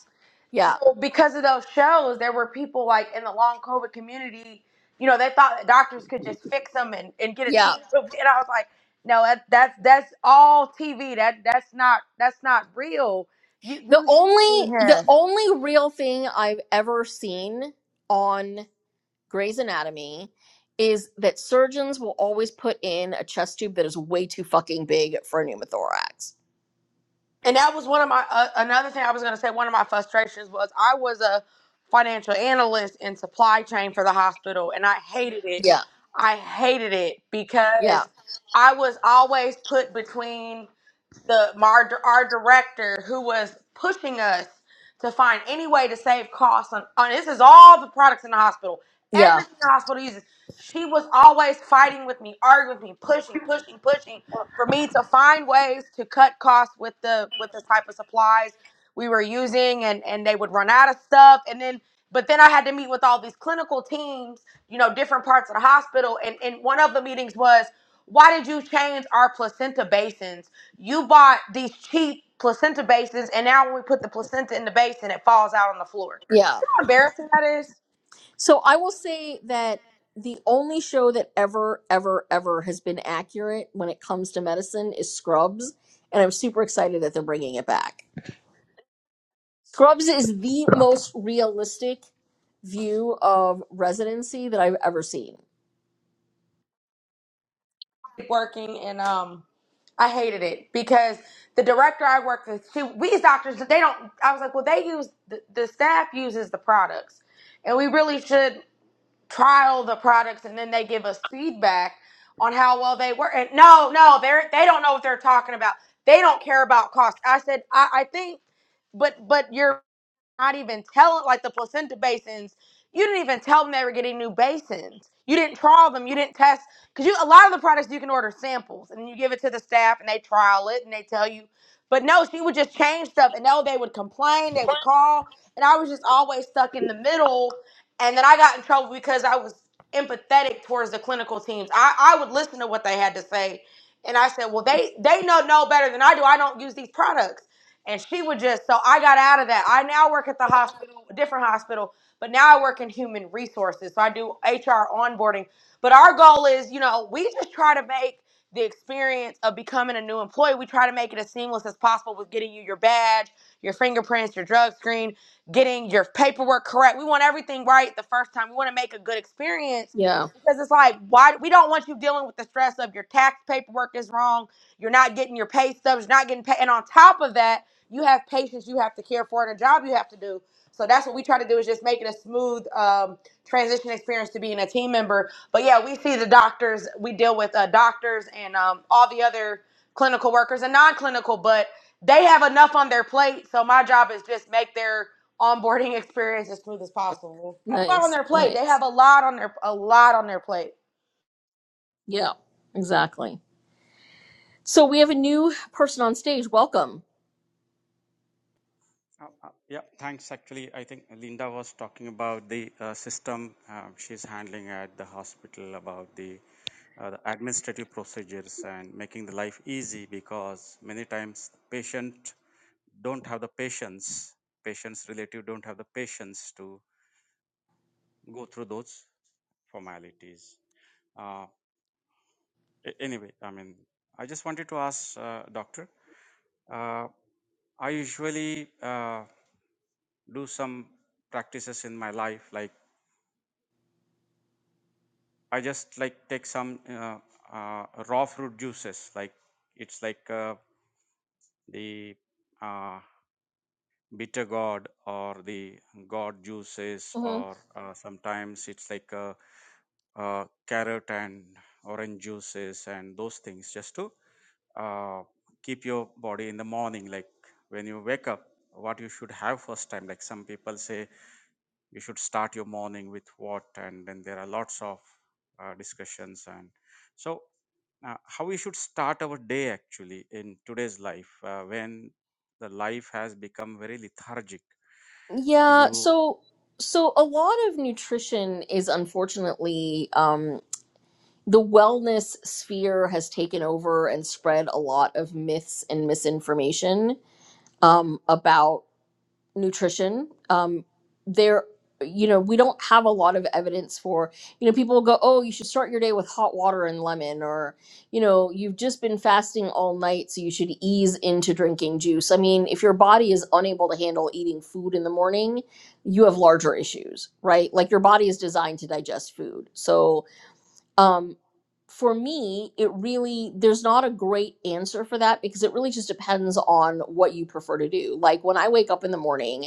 Yeah, So because of those shows, there were people like in the long COVID community, you know, they thought that doctors could just fix them and, and get a yeah. team (laughs) approved. And I was like, no, that, that's that's all TV. That that's not that's not real. You The you only the yeah. only real thing I've ever seen on Grey's Anatomy is that surgeons will always put in a chest tube that is way too fucking big for a pneumothorax. And that was one of my uh, another thing I was going to say. One of my frustrations was I was a financial analyst in supply chain for the hospital, and I hated it. Yeah, I hated it yeah, because I was always put between. the my, our our director who was pushing us to find any way to save costs on, on this is all the products in the hospital yeah, everything the hospital uses she was always fighting with me arguing with me pushing pushing pushing for me to find ways to cut costs with the with the type of supplies we were using and and they would run out of stuff and then but then i had to meet with all these clinical teams you know different parts of the hospital and and one of the meetings was why did you change our placenta basins? You bought these cheap placenta basins, and now when we put the placenta in the basin, it falls out on the floor. You yeah. know how embarrassing that is? So I will say that the only show that ever, ever, ever has been accurate when it comes to medicine is Scrubs, and I'm super excited that they're bringing it back. Scrubs is the most realistic view of residency that I've ever seen. Working and um, I hated it because the director I worked with, she, we as doctors, they don't. I was like, well, they use the, the staff uses the products, and we really should trial the products, and then they give us feedback on how well they work. And no, no, they're they don't know what they're talking about. They don't care about cost. I said, I, I think but but you're not even telling like the placenta basins you didn't even tell them they were getting new basins you didn't trial them you didn't test because you a lot of the products you can order samples and you give it to the staff and they trial it and they tell you but no she would just change stuff and no they would complain they would call and i was just always stuck in the middle and then i got in trouble because i was empathetic towards the clinical teams i, I would listen to what they had to say and i said well they they know no better than i do i don't use these products and she would just so i got out of that i now work at the hospital a different hospital but now i work in human resources so i do hr onboarding but our goal is you know we just try to make the experience of becoming a new employee we try to make it as seamless as possible with getting you your badge your fingerprints your drug screen getting your paperwork correct we want everything right the first time we want to make a good experience Yeah. because it's like why we don't want you dealing with the stress of your tax paperwork is wrong you're not getting your pay stubs you're not getting paid and on top of that you have patients you have to care for and a job you have to do. So that's what we try to do is just make it a smooth um, transition experience to being a team member. But yeah, we see the doctors, we deal with uh, doctors and um, all the other clinical workers and non-clinical, but they have enough on their plate. So my job is just make their onboarding (laughs) experience as smooth as possible. They have a lot on Nice. their plate. They Nice. have a lot on their a lot on their plate. Yeah. Exactly. So we have a new person on stage. Welcome. Uh, uh, Yeah, thanks. Actually, I think Linda was talking about the uh, system uh, she's handling at the hospital about the, uh, the administrative procedures and making the life easy because many times the patient don't have the patience, patient's relative don't have the patience to go through those formalities. Uh, a- anyway, I mean, I just wanted to ask, uh, doctor, uh, I usually uh, do some practices in my life like I just like take some uh, uh, raw fruit juices, like it's like uh, the uh, bitter gourd or the gourd juices, hmm or uh, sometimes it's like uh, uh, carrot and orange juices and those things, just to uh, keep your body in the morning, like when you wake up, what you should have first time. Like some people say, you should start your morning with what and then there are lots of uh, discussions and so uh, how we should start our day actually in today's life uh, when the life has become very lethargic Yeah. you So so a lot of nutrition is unfortunately um, the wellness sphere has taken over and spread a lot of myths and misinformation um, about nutrition um there you know we don't have a lot of evidence for you know people will go oh you should start your day with hot water and lemon or you know you've just been fasting all night so you should ease into drinking juice i mean if your body is unable to handle eating food in the morning you have larger issues right like your body is designed to digest food so um for me it really there's not a great answer for that because it really just depends on what you prefer to do like when i wake up in the morning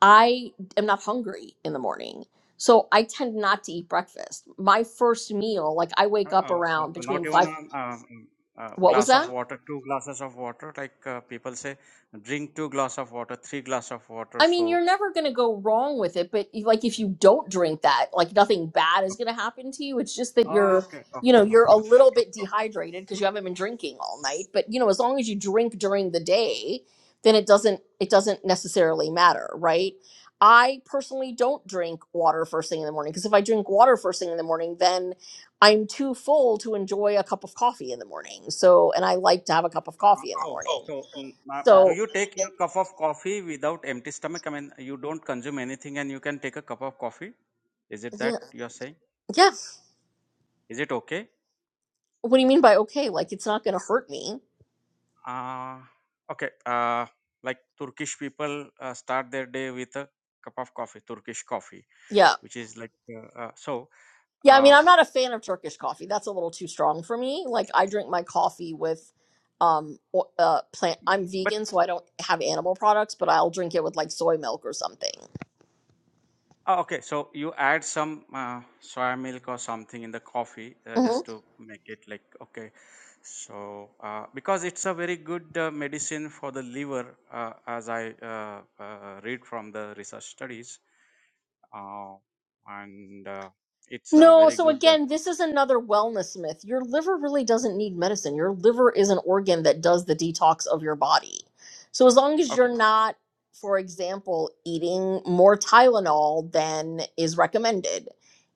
I am not hungry in the morning. So I tend not to eat breakfast. My first meal, like I uh, wake up uh, uh, around not between even five. a, um, uh What was glass that? of water two glasses of water like uh, people say drink two glass of water three glass of water I so mean, you're never going to go wrong with it, but like if you don't drink that, like nothing bad is going to happen to you. It's just that you're, okay you okay know, you're okay a okay little bit dehydrated because you haven't been drinking all night. But you know, as long as you drink during the day, then it doesn't it doesn't necessarily matter, right? I personally don't drink water first thing in the morning because if I drink water first thing in the morning, then I'm too full to enjoy a cup of coffee in the morning. So, and I like to have a cup of coffee in the So, morning. so mm, uh, do So, you take your cup of coffee without empty stomach? I mean, you don't consume anything and you can take a cup of coffee. Is it yeah, that you are saying? yeah. Is it okay? What do you mean by okay? Like it's not going to hurt me. Uh, okay. Uh, like Turkish people uh, start their day with a cup of coffee, Turkish coffee, Yeah. which is like uh, uh, so. Yeah, I mean, Uh, I'm not a fan of Turkish coffee. That's a little too strong for me. Like I drink my coffee with um o- uh plant but, I'm but vegan, so I don't have animal products, but I'll drink it with like soy milk or something. Oh, okay, so you add some uh, soy milk or something in the coffee uh, Mm-hmm. just to make it like okay. So uh, because it's a very good uh, medicine for the liver, uh, as I uh, uh, read from the research studies, uh, and uh, it's a No, very so good. again, Uh, this is another wellness myth. Your liver really doesn't need medicine. Your liver is an organ that does the detox of your body. So as long as okay, you're not, for example, eating more Tylenol than is recommended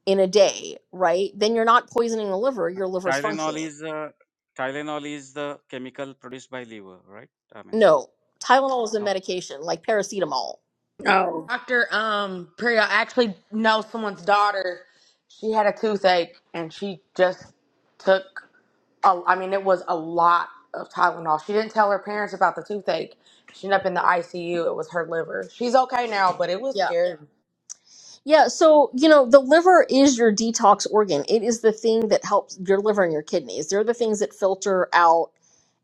in a day, right? Then you're not poisoning the liver. Your liver's Tylenol functioning. is uh, Tylenol is the chemical produced by liver, right? I mean, No, Tylenol is a no, medication, like paracetamol. Dr. Um, Perry, I actually know someone's daughter. She had a toothache and she just took, a, I mean, it was a lot of Tylenol. She didn't tell her parents about the toothache. She ended up in the ICU. It was her liver. She's okay now, but it was Yeah. scary. Yeah, so you know, the liver is your detox organ. It is the thing that helps your liver and your kidneys. They're the things that filter out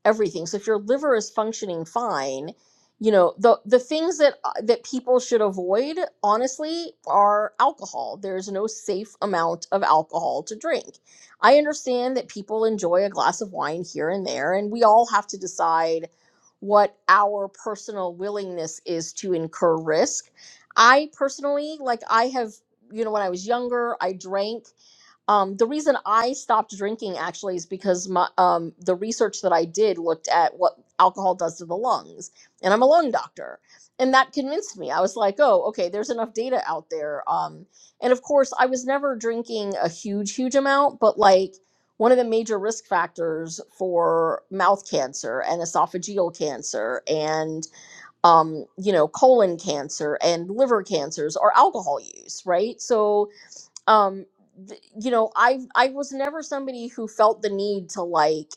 everything. So if your liver is functioning fine, you know, the the things that uh, that people should avoid honestly are alcohol. There's no safe amount of alcohol to drink. I understand that people enjoy a glass of wine here and there and we all have to decide what our personal willingness is to incur risk I personally, like I have, you know, when I was younger, I drank. Um, the reason I stopped drinking actually is because my um, the research that I did looked at what alcohol does to the lungs, and I'm a lung doctor, and that convinced me. I was like, oh, okay, there's enough data out there. Um, and of course, I was never drinking a huge, huge amount, but like one of the major risk factors for mouth cancer and esophageal cancer and um, you know, colon cancer and liver cancers or alcohol use, right? So, um, th- you know, I I was never somebody who felt the need to like.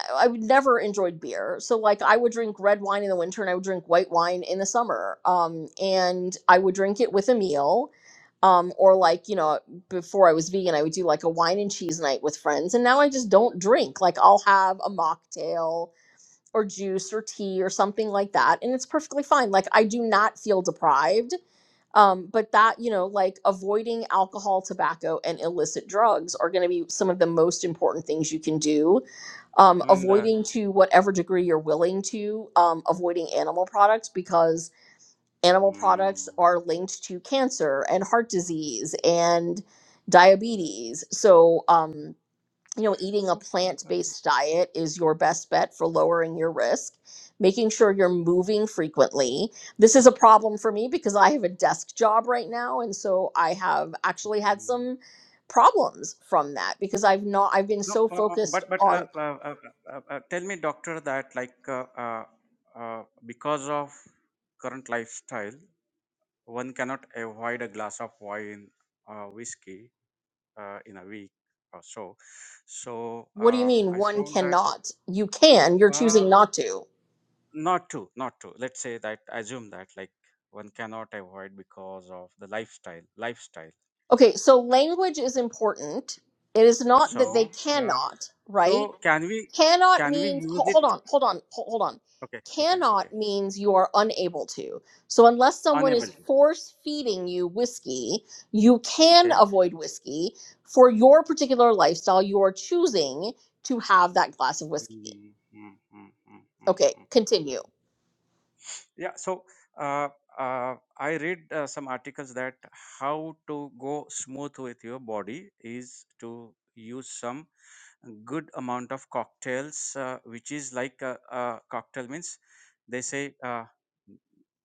I I would never enjoyed beer, so like I would drink red wine in the winter and I would drink white wine in the summer, um, and I would drink it with a meal. Um, or like you know before i was vegan i would do like a wine and cheese night with friends and now i just don't drink like i'll have a mocktail or juice or tea or something like that and it's perfectly fine like i do not feel deprived um, but that you know like avoiding alcohol tobacco and illicit drugs are going to be some of the most important things you can do um, I mean the. avoiding to whatever degree you're willing to um, avoiding animal products because animal Mm, products are linked to cancer and heart disease and diabetes so um, you know, eating a so. plant based diet is your best bet for lowering your risk, making sure you're moving frequently. This is a problem for me because I have a desk job right now. And so I have actually had some problems from that because I've not, I've been No, so uh, uh, focused but but uh, on uh, uh, uh, uh, tell me, doctor, that like uh, uh, uh, because of current lifestyle, one cannot avoid a glass of wine, uh, whiskey, uh, in a week or so. So what do you uh, mean I one found that cannot? You can, you're uh, choosing not to. not to, not to. Let's say that assume that like one cannot avoid because of the lifestyle, lifestyle. Okay, so language is important. It is not that they So uh, cannot, right? so can we Cannot can we means use ho- hold it? on, hold on, ho- hold on. Okay, okay, okay. Cannot means you are unable to. So unless someone Unable is to. force feeding you whiskey, you can Okay. avoid whiskey for your particular lifestyle. You are choosing to have that glass of whiskey. Mm, mm, mm, mm, mm, Okay, mm. continue. Yeah, so uh, uh, I read uh, some articles that how to go smooth with your body is to use some good amount of cocktails, uh, which is like a, a cocktail means they say uh,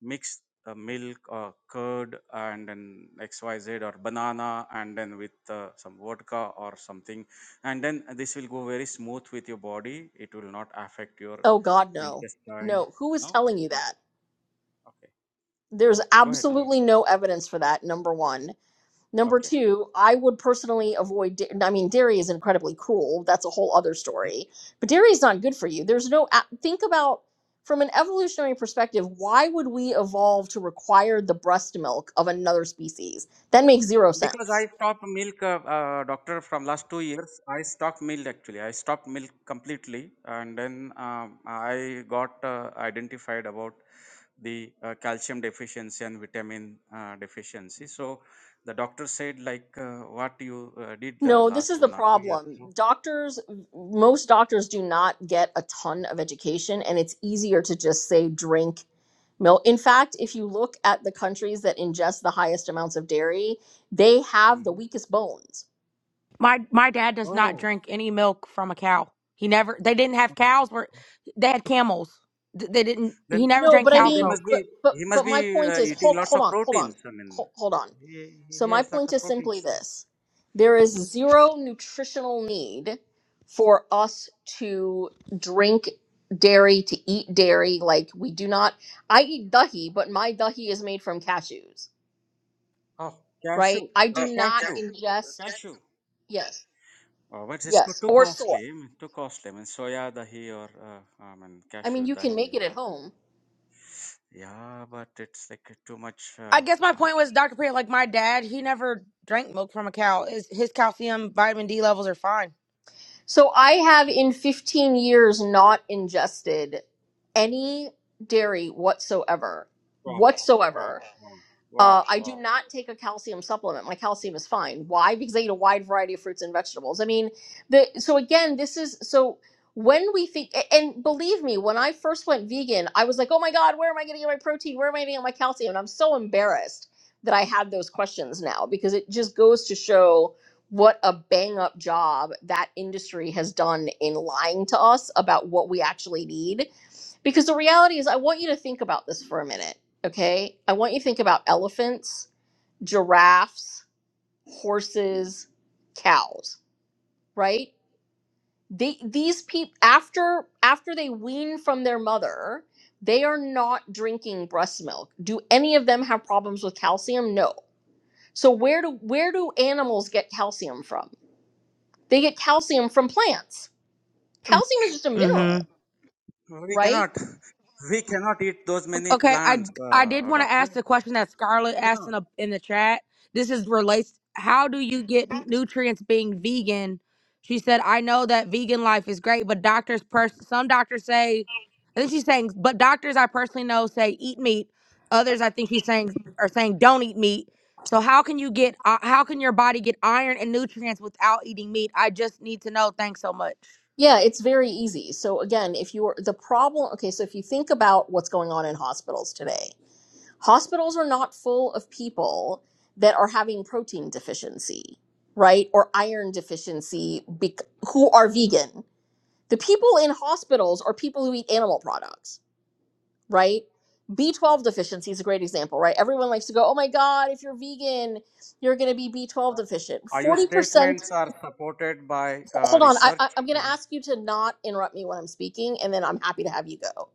mix uh, milk or curd and then XYZ or banana and then with uh, some vodka or something, and then this will go very smooth with your body. It will not affect your Oh God, no, intestine. no. Who is No. telling you that? Okay. There's Okay. Go ahead. Go ahead. absolutely no evidence for that. Number one. Number Okay. two, I would personally avoid. da- I mean, dairy is incredibly cruel. That's a whole other Mhm. story. But dairy is not good for you. There's no. a- Think about from an evolutionary perspective. Why would we evolve to require the breast milk of another species? That makes zero Because sense. I stopped milk, uh, uh, doctor, from last two years. I stopped milk actually. I stopped milk completely, and then um, I got uh, identified about the uh, calcium deficiency and vitamin uh, deficiency. So the doctor said, like, uh, what you uh, did the No, this is last the one or two years. problem. So, Doctors, most doctors do not get a ton of education, and it's easier to just say drink milk. In fact, if you look at the countries that ingest the highest amounts of dairy, they have the Mhm. weakest bones. My my dad does not Oh. drink any milk from a cow. He never. They didn't have cows. Where they had camels. Th- They didn't. He Then never No, drank but I then cow's they mean, milk. must be but but he but must be my point uh, is, eating hold lots hold of on, hold on, proteins. I mean, hold, hold on. he, So, he my has lots point of is simply proteins. this there is zero nutritional need for us to drink dairy, to eat dairy. Like, we do not, I eat dahi, but my dahi is made from cashews, Oh, cashew, right? I uh, do Oh, not cashew, that's- ingest, cashew. yes, Oh, but it's co- yes, too or costly. soy. I mean, too costly. I mean, soya dahi or uh, I mean I mean, cashew you can dahi. make it at Or, home. yeah, but it's like too much. I Uh, guess my uh, point was, Dr. Priya, like my dad, he never drank milk from a cow. His, his calcium, vitamin D levels are fine. So, I have in 15 years not ingested any dairy whatsoever, wow, wow, whatsoever. wow, wow, Uh, I do wow. not take a calcium supplement. My calcium is fine. Why? Because I eat a wide variety of fruits and vegetables. I mean, the so again, this is so when we think a- and believe me, when I first went vegan, I was like, oh my god, where am I going to get my protein? Where am I going to get my calcium? And I'm so embarrassed that I had those questions now because it just goes to show what a bang up job that industry has done in lying to us about what we actually need because the reality is, I want you to think about this for a minute, okay? I want you to think about elephants, giraffes, horses, cows, right? They, these people after after they wean from their mother, they are not drinking breast milk. Do any of them have problems with calcium? No. So where do where do animals get calcium from? They get calcium from plants. Calcium is just a mineral, We right? cannot, (laughs) we cannot eat those many Okay, I plants, I did uh, want to doctor. ask the question that Scarlett asked Cannot. in the in the chat. This is relates. How do you get nutrients being vegan? She said, "I know that vegan life is great, but doctors, pers- some doctors say, I think she's saying, but doctors I personally know say eat meat. Others, I think she's saying, are saying don't eat meat. So how can you get? Uh, how can your body get iron and nutrients without eating meat? I just need to know. Thanks so much. Yeah, it's very easy. So again, if you're the problem, okay, so if you think about what's going on in hospitals today, hospitals are not full of people that are having protein deficiency, right? Or iron deficiency bec- who are vegan. The people in hospitals are people who eat animal products, right? B12 deficiency is a great example, right? Everyone likes to go, "Oh my god, if you're vegan, you're going to be B12 deficient." Are your 40% statements are supported by uh, hold on. I, research? I, I'm going to ask you to not interrupt me when I'm speaking, and then I'm happy to have you go.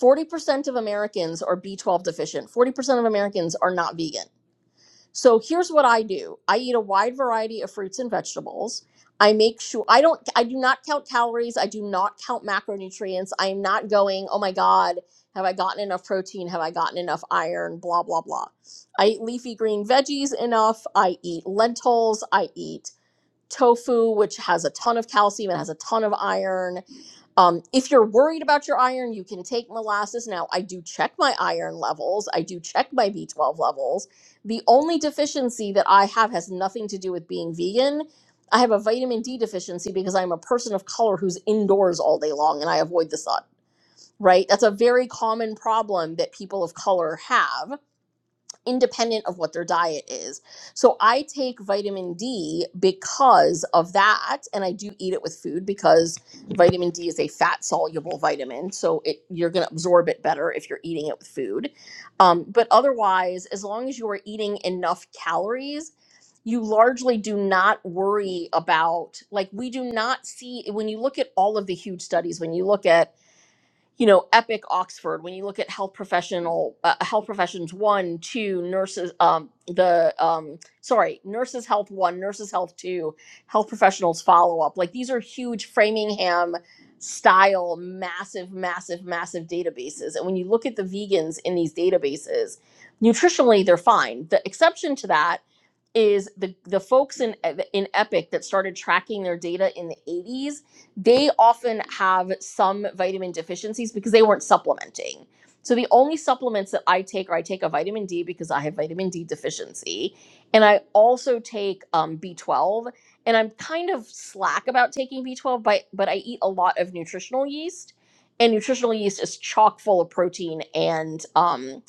40% of Americans are B12 deficient. 40% of Americans are not vegan. So here's what I do I eat a wide variety of fruits and vegetables. I make sure I don't, I do not count calories. I do not count macronutrients. I am not going, oh my God, have I gotten enough protein? Have I gotten enough iron? Blah, blah, blah. I eat leafy green veggies enough. I eat lentils. I eat tofu, which has a ton of calcium, it has a ton of iron. Um, if you're worried about your iron, you can take molasses. Now, I do check my iron levels, I do check my B12 levels. The only deficiency that I have has nothing to do with being vegan. I have a vitamin D deficiency because I'm a person of color who's indoors all day long and I avoid the sun, right? That's a very common problem that people of color have independent of what their diet is. So I take vitamin D because of that and I do eat it with food because vitamin D is a fat soluble vitamin so it you're going to absorb it better if you're eating it with food. Um, but otherwise as long as you are eating enough calories you largely do not worry about like we do not see when you look at all of the huge studies when you look at you know, Epic Oxford, when you look at health professional, uh, health professions one, two, nurses, um, the, um, sorry, nurses health one, nurses health two, health professionals follow up. Like these are huge Framingham style, massive, massive, massive databases. And when you look at the vegans in these databases, nutritionally, they're fine. The exception to that is the the folks in in Epic that started tracking their data in the 80s, they often have some vitamin deficiencies because they weren't supplementing. So the only supplements that I take are I take a vitamin D because I have vitamin D deficiency, and I also take um, B12. And I'm kind of slack about taking B12, but but I eat a lot of nutritional yeast, and nutritional yeast is chock full of protein and um,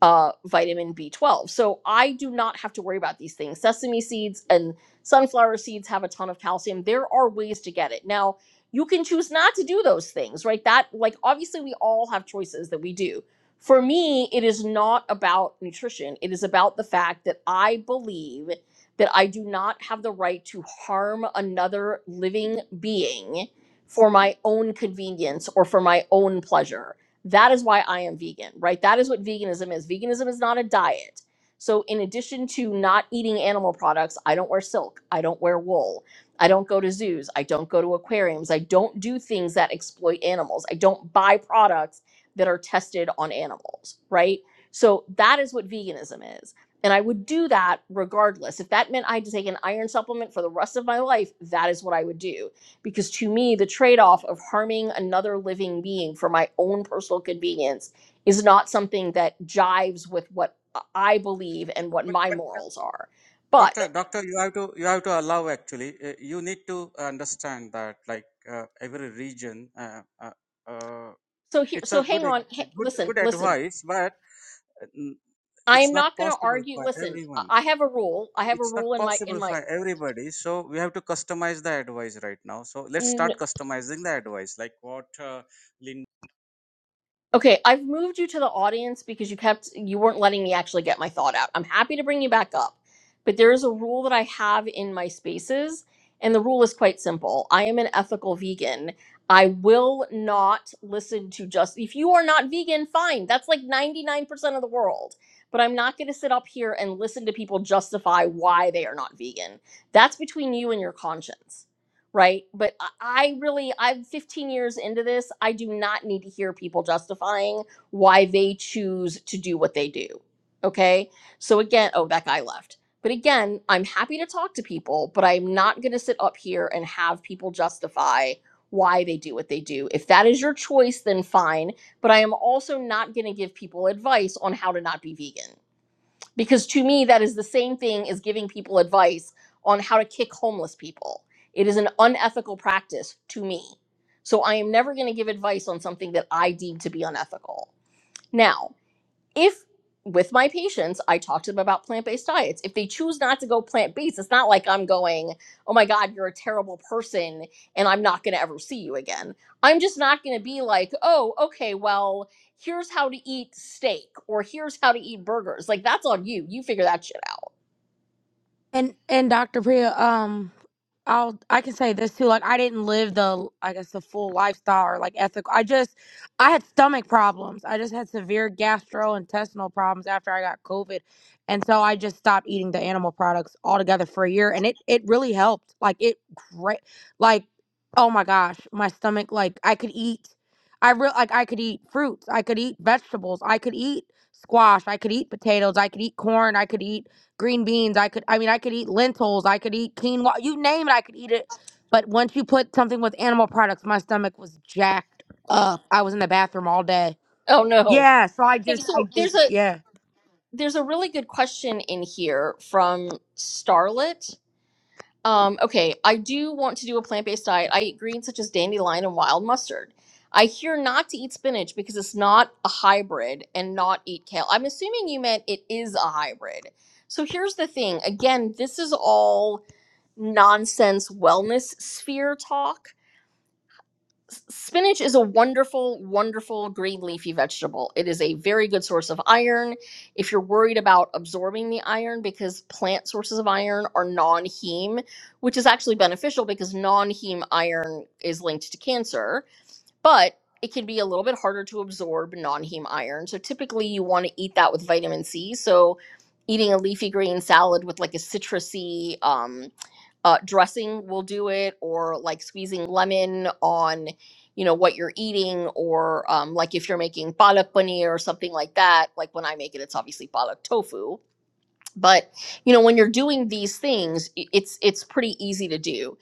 uh, vitamin B12. So I do not have to worry about these things. Sesame seeds and sunflower seeds have a ton of calcium. There are ways to get it. Now, you can choose not to do those things, right? That, like, obviously, we all have choices that we do. For me, it is not about nutrition, it is about the fact that I believe that I do not have the right to harm another living being for my own convenience or for my own pleasure that is why I am vegan, right? That is what veganism is. Veganism is not a diet. So, in addition to not eating animal products, I don't wear silk, I don't wear wool, I don't go to zoos, I don't go to aquariums, I don't do things that exploit animals, I don't buy products that are tested on animals, right? So, that is what veganism is. And I would do that regardless. If that meant I had to take an iron supplement for the rest of my life, that is what I would do because to me the trade-off of harming another living being for my own personal convenience is not something that jives with what i believe and what But my uh, morals are but doctor, doctor, you have to you have to allow. Actually, uh, you need to understand that like uh, every region, uh, uh, uh, so here it's so a good hang on ex- ha- good listen good listen advice, but uh, n- i it's am not not going to possible argue for listen i everyone. I have a rule i have a It's not rule in my in possible my for everybody. So we have to customize the advice right now. So let's mm, start customizing the advice, like what uh, Linda. Okay, I've moved you to the audience because you kept you weren't letting me actually get my thought out. I'm happy to bring you back up, but there is a rule that I have in my spaces, and the rule is quite simple. I am an ethical vegan. I will not listen to just if you are not vegan, fine. That's like 99% of the world. But I'm not going to sit up here and listen to people justify why they are not vegan. That's between you and your conscience right? But I I really, I'm 15 years into this. I do not need to hear people justifying why they choose to do what they do. Okay. So again, oh, that guy left. But again, I'm happy to talk to people, but I'm not going to sit up here and have people justify why they do what they do. If that is your choice, then fine. But I am also not going to give people advice on how to not be vegan because to me that is the same thing as giving people advice on how to kick homeless people it is an unethical practice to me so i am never going to give advice on something that i deem to be unethical now if with my patients, I talk to them about plant based diets. If they choose not to go plant based, it's not like I'm going, oh my God, you're a terrible person and I'm not going to ever see you again. I'm just not going to be like, oh, okay, well, here's how to eat steak or here's how to eat burgers. Like that's on you. You figure that shit out. And and Dr. Priya, um, I'll I can say this too. Like I didn't live the I guess the full lifestyle or like ethical. I just I had stomach problems. I just had severe gastrointestinal problems after I got COVID, and so I just stopped eating the animal products altogether for a year, and it it really helped. Like it great. Like oh my gosh, my stomach. Like I could eat. I real like I could eat fruits. I could eat vegetables. I could eat squash. I could eat potatoes. I could eat corn. I could eat green beans. I could, I mean, I could eat lentils. I could eat quinoa. You name it, I could eat it. But once you put something with animal products, my stomach was jacked Ugh. up. I was in the bathroom all day. Oh no. Yeah. So I Hey, just, I so there's just, a yeah. there's a really good question in here from Starlet Um, okay, I do want to do a plant-based diet. I eat greens such as dandelion and wild mustard. I hear not to eat spinach because it's not a hybrid and not eat kale. I'm assuming you meant it is a hybrid. So here's the thing. Again, this is all nonsense wellness sphere talk spinach is a wonderful, wonderful green leafy vegetable. It is a very good source of iron. If you're worried about absorbing the iron, because plant sources of iron are non heme, which is actually beneficial because non heme iron is linked to cancer but it can be a little bit harder to absorb non-heme iron. So typically you want to eat that with vitamin C. So eating a leafy green salad with like a citrusy um, uh, dressing will do it, or like squeezing lemon on, you know, what you're eating, or um, like if you're making palak paneer or something like that. Like when I make it, it's obviously palak tofu. But you know, when you're doing these things, i- it's it's pretty easy to do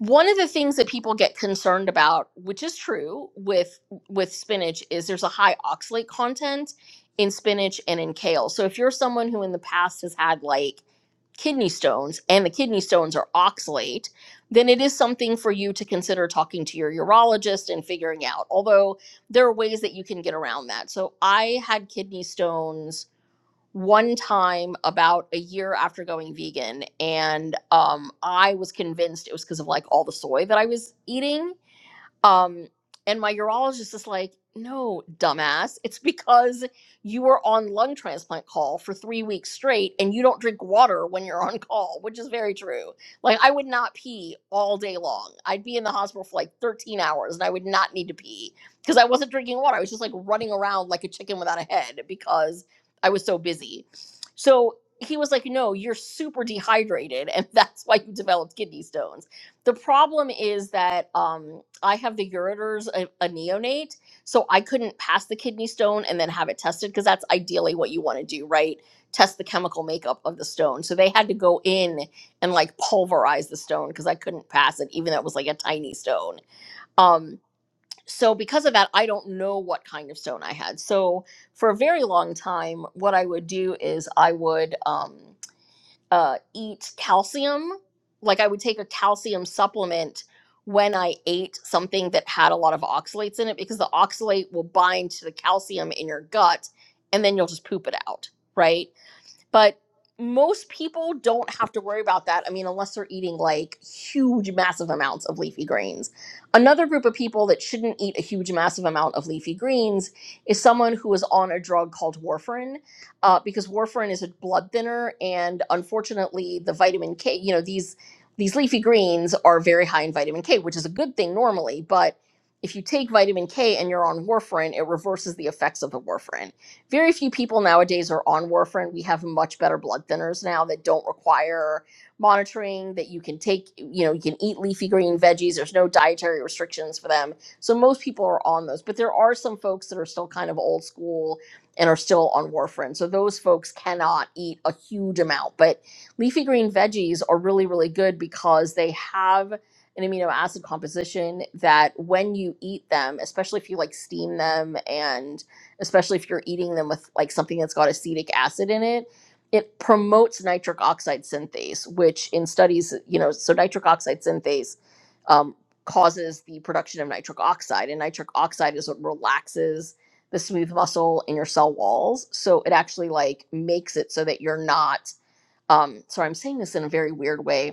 one of the things that people get concerned about which is true with with spinach is there's a high oxalate content in spinach and in kale so if you're someone who in the past has had like kidney stones and the kidney stones are oxalate then it is something for you to consider talking to your urologist and figuring out although there are ways that you can get around that so i had kidney stones one time about a year after going vegan and um I was convinced it was because of like all the soy that I was eating um, and my urologist is like, no, dumbass, it's because you were on lung transplant call for three weeks straight and you don't drink water when you're on call, which is very true. Like, I would not pee all day long. I'd be in the hospital for like 13 hours and I would not need to pee because I wasn't drinking water. I was just like running around like a chicken without a head because I was so busy. So he was like, no, you're super dehydrated and (laughs) that's why you developed kidney stones. The problem is that, um, I have the ureters, a, a neonate, so I couldn't pass the kidney stone and then have it tested because that's ideally what you want to do, right? Test the chemical makeup of the stone. So they had to go in and like pulverize the stone because I couldn't pass it, even though it was like a tiny stone. Um, so because of that, I don't know what kind of stone I had. So for a very long time, what I would do is I would. Um, uh, eat calcium. Like I would take a calcium supplement when I ate something that had a lot of oxalates in it because the oxalate will bind to the calcium in your gut and then you'll just poop it out, right? But most people don't have to worry about that. I mean, unless they're eating like huge, massive amounts of leafy greens. Another group of people that shouldn't eat a huge, massive amount of leafy greens is someone who is on a drug called warfarin, uh, because warfarin is a blood thinner, and unfortunately, the vitamin K. You know these these leafy greens are very high in vitamin K, which is a good thing normally, but if you take vitamin K and you're on warfarin, it reverses the effects of the warfarin very few people nowadays are on warfarin. We have much better blood thinners now that don't require monitoring, that you can take, you know, you can eat leafy green veggies. There's no dietary restrictions for them. So most people are on those. But there are some folks that are still kind of old school and are still on warfarin. So those folks cannot eat a huge amount. But leafy green veggies are really, really good because they have an amino acid composition that when you eat them, especially if you like steam them and especially if you're eating them with like something that's got acetic acid in it it promotes nitric oxide synthase which in studies you know so nitric oxide synthase um, causes the production of nitric oxide and nitric oxide is what relaxes the smooth muscle in your cell walls so it actually like makes it so that you're not um, sorry i'm saying this in a very weird way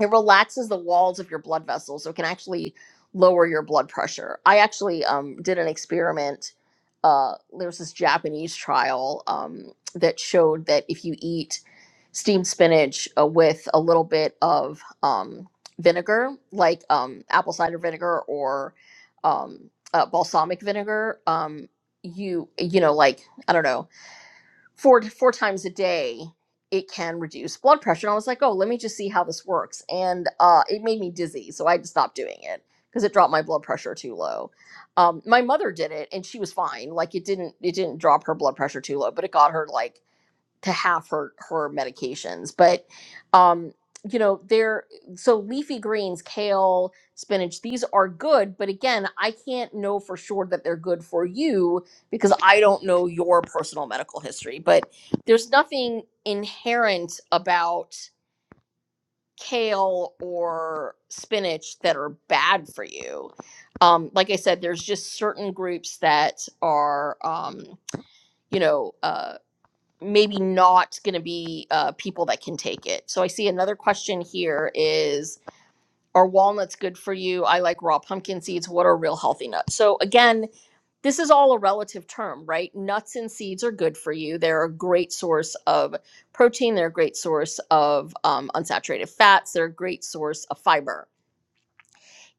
it relaxes the walls of your blood vessels so it can actually lower your blood pressure i actually um, did an experiment uh, there was this japanese trial um, that showed that if you eat steamed spinach uh, with a little bit of um, vinegar like um, apple cider vinegar or um, uh, balsamic vinegar um, you you know like i don't know four four times a day it can reduce blood pressure and i was like oh let me just see how this works and uh, it made me dizzy so i had to stop doing it because it dropped my blood pressure too low um, my mother did it and she was fine like it didn't it didn't drop her blood pressure too low but it got her like to have her her medications but um you know they're so leafy greens kale spinach these are good but again i can't know for sure that they're good for you because i don't know your personal medical history but there's nothing inherent about kale or spinach that are bad for you um like i said there's just certain groups that are um you know uh maybe not going to be uh, people that can take it. So I see another question here is are walnuts good for you? I like raw pumpkin seeds. What are real healthy nuts? So again, this is all a relative term, right? Nuts and seeds are good for you. They're a great source of protein. They're a great source of um, unsaturated fats. They're a great source of fiber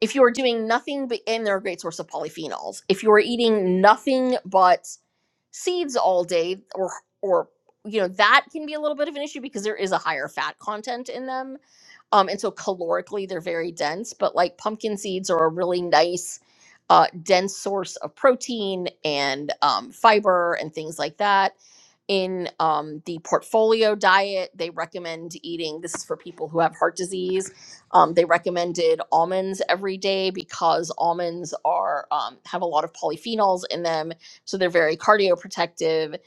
if you are doing nothing but and they're a great source of polyphenols if you are eating nothing but seeds all day or or you know that can be a little bit of an issue because there is a higher fat content in them um and so calorically they're very dense but like pumpkin seeds are a really nice uh dense source of protein and um fiber and things like that in um, the portfolio diet, they recommend eating, this is for people who have heart disease, um, they recommended almonds every day because almonds are um, have a lot of polyphenols in them, so they're very cardioprotective.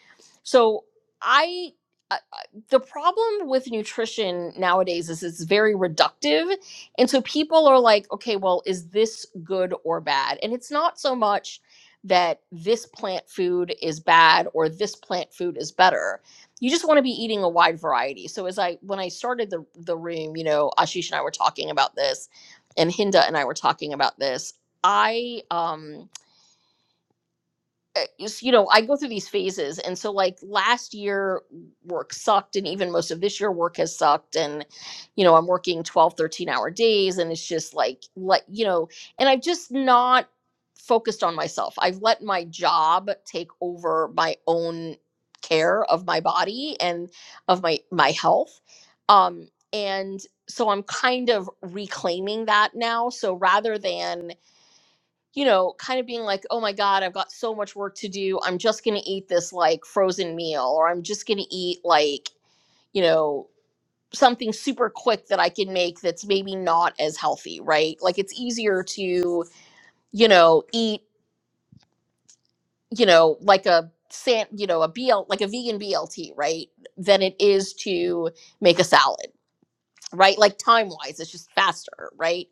So I, I I- the problem with nutrition nowadays is it's very reductive, and so people are like, okay, well, is this good or bad? And it's not so much that this plant food is bad or this plant food is better. You just want to be eating a wide variety. So as I when I started the the room, you know, Ashish and I were talking about this and Hinda and I were talking about this. I um uh, is- you know, I go through these phases. And so, like, last year work sucked, and even most of this year work has sucked. And, you know, I'm working 12, 13 hour days, and it's just like, like, you know, and I've just not focused on myself. I've let my job take over my own care of my body and of my my health. Um and so I'm kind of reclaiming that now. So rather than you know, kind of being like, oh my God, I've got so much work to do. I'm just going to eat this like frozen meal, or I'm just going to eat like, you know, something super quick that I can make that's maybe not as healthy, right? Like it's easier to, you know, eat, you know, like a, san- you know, a BL, like a vegan BLT, right? Than it is to make a salad right like time wise it's just faster right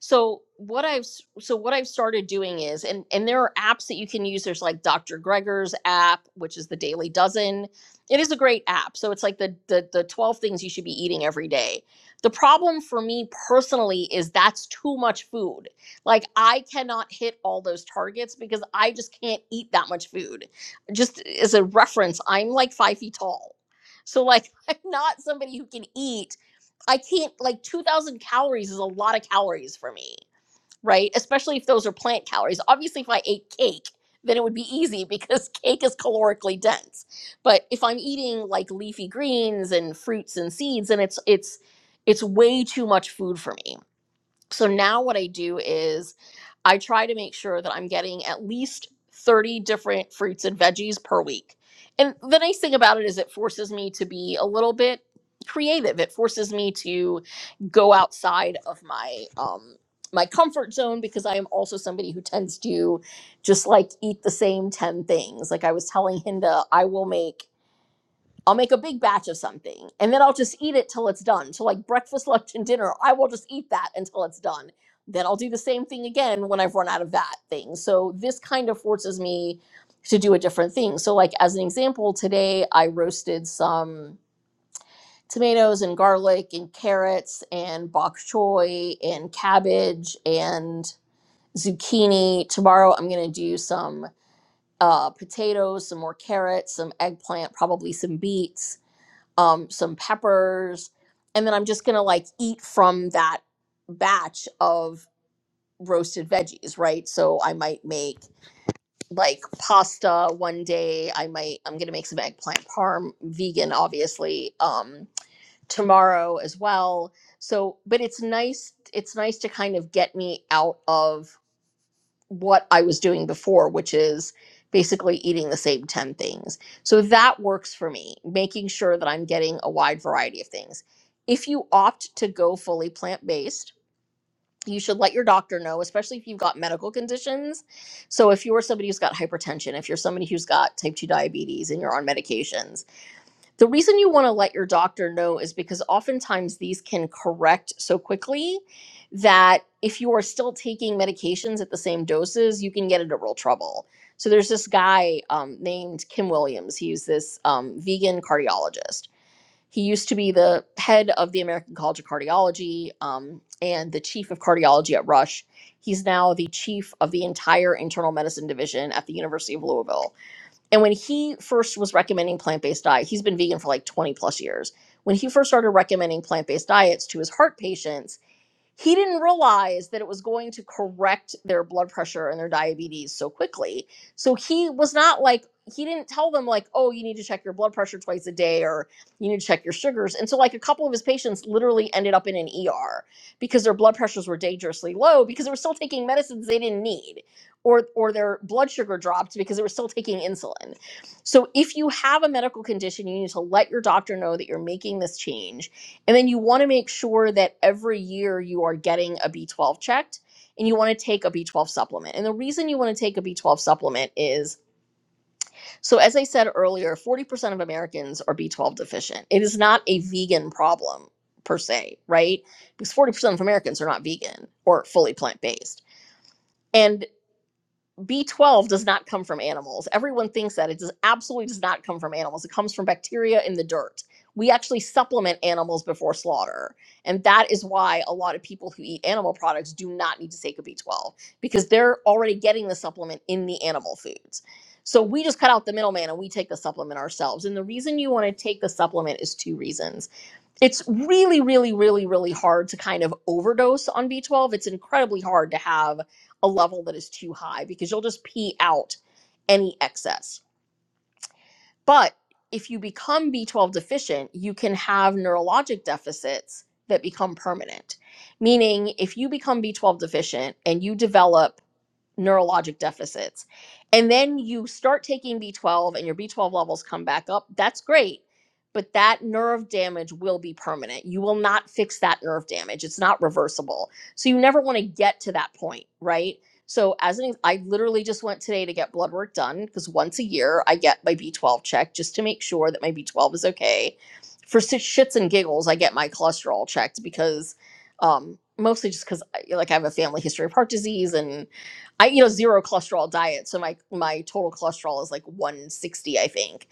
so what i've s- so what i've started doing is and and there are apps that you can use there's like dr Greger's app which is the daily dozen it is a great app so it's like the the, the 12 things you should be eating every day the problem for me personally is that's too much food like i cannot hit all those targets because i just can't eat that much food just as a reference i'm like five feet tall so like (laughs) i'm not somebody who can eat I can't like 2000 calories is a lot of calories for me, right? Especially if those are plant calories. Obviously if I ate cake, then it would be easy because (laughs) cake is calorically dense. But if I'm eating like leafy greens and fruits and seeds and it's it's it's way too much food for me. So now what I do is I try to make sure that I'm getting at least 30 different fruits and veggies per week. And the nice thing about it is it forces me to be a little bit creative. It forces me to go outside of my um my comfort zone because I am also somebody who tends to just like eat the same 10 things. Like I was telling Hinda, I will make I'll make a big batch of something and then I'll just eat it till it's done. So, like breakfast, (laughs) lunch, and dinner, I will just eat that until it's done. Then I'll do the same thing again when I've run out of that thing. So, this kind of forces me to do a different thing. So, like, as an example, today I roasted some tomatoes and garlic and carrots and bok choy and cabbage and zucchini. Tomorrow I'm going to do some uh, potatoes, some more carrots, some eggplant, probably some beets um, some peppers, and then I'm just gonna like eat from that batch of roasted veggies, right? So I might make like pasta one day. I might I'm gonna make some eggplant parm, vegan, obviously, um, tomorrow as well. So, but it's nice. It's nice to kind of get me out of what I was doing before, which is basically eating the same 10 things. So that works for me, making sure that I'm getting a wide variety of things. If you opt to go fully plant based, you should let your doctor know, especially if you've got medical conditions. So, if you're somebody who's got hypertension, if you're somebody who's got type 2 diabetes and you're on medications, the reason you want to let your doctor know is because oftentimes these can correct so quickly that if you are still taking medications at the same doses, you can get into real trouble. So there's this guy um, named Kim Williams. He's this um, vegan cardiologist. He used to be the head of the American College of Cardiology um, and the chief of cardiology at Rush. He's now the chief of the entire internal medicine division at the University of Louisville and when he first was recommending plant based diet, he's been vegan for like 20 plus years. When he first started recommending plant based diets to his heart patients, he didn't realize that it was going to correct their blood pressure and their diabetes so quickly. So he was not like, he didn't tell them, like, oh, you need to check your blood pressure twice a day or you need to check your sugars. And so, like, a couple of his patients literally ended up in an ER because their blood pressures were dangerously low because they were still taking medicines they didn't need or, or their blood sugar dropped because they were still taking insulin. So if you have a medical condition, you need to let your doctor know that you're making this change and then you want to make sure that every year you are getting a B12 checked and you want to take a B12 supplement. And the reason you want to take a B12 supplement is so, as I said earlier, 40% of Americans are B12 deficient. It is not a vegan problem per se, right? Because 40% of Americans are not vegan or fully plant based. and. B12 does not come from animals. Everyone thinks that it does absolutely does not come from animals. It comes from bacteria in the dirt. We actually supplement animals before slaughter. And that is why a lot of people who eat animal products do not need to take a B12 because they're already getting the supplement in the animal foods. So we just cut out the middleman and we take the supplement ourselves. And the reason you want to take the supplement is two reasons it's really really really really hard to kind of overdose on b12 it's incredibly hard to have a level that is too high because you'll just pee out any excess but if you become b12 deficient you can have neurologic deficits that become permanent meaning if you become b12 deficient and you develop neurologic deficits. And then you start taking B12 and your B12 levels come back up. That's great. But that nerve damage will be permanent. You will not fix that nerve damage. It's not reversible. So you never want to get to that point, right? So as an I literally just went today to get blood work done because once a year I get my B12 checked just to make sure that my B12 is okay. For si- shits and giggles, I get my cholesterol checked because um mostly just cuz like I have a family history of heart disease and. I eat a zero cholesterol diet, so my my total cholesterol is like 160, I think.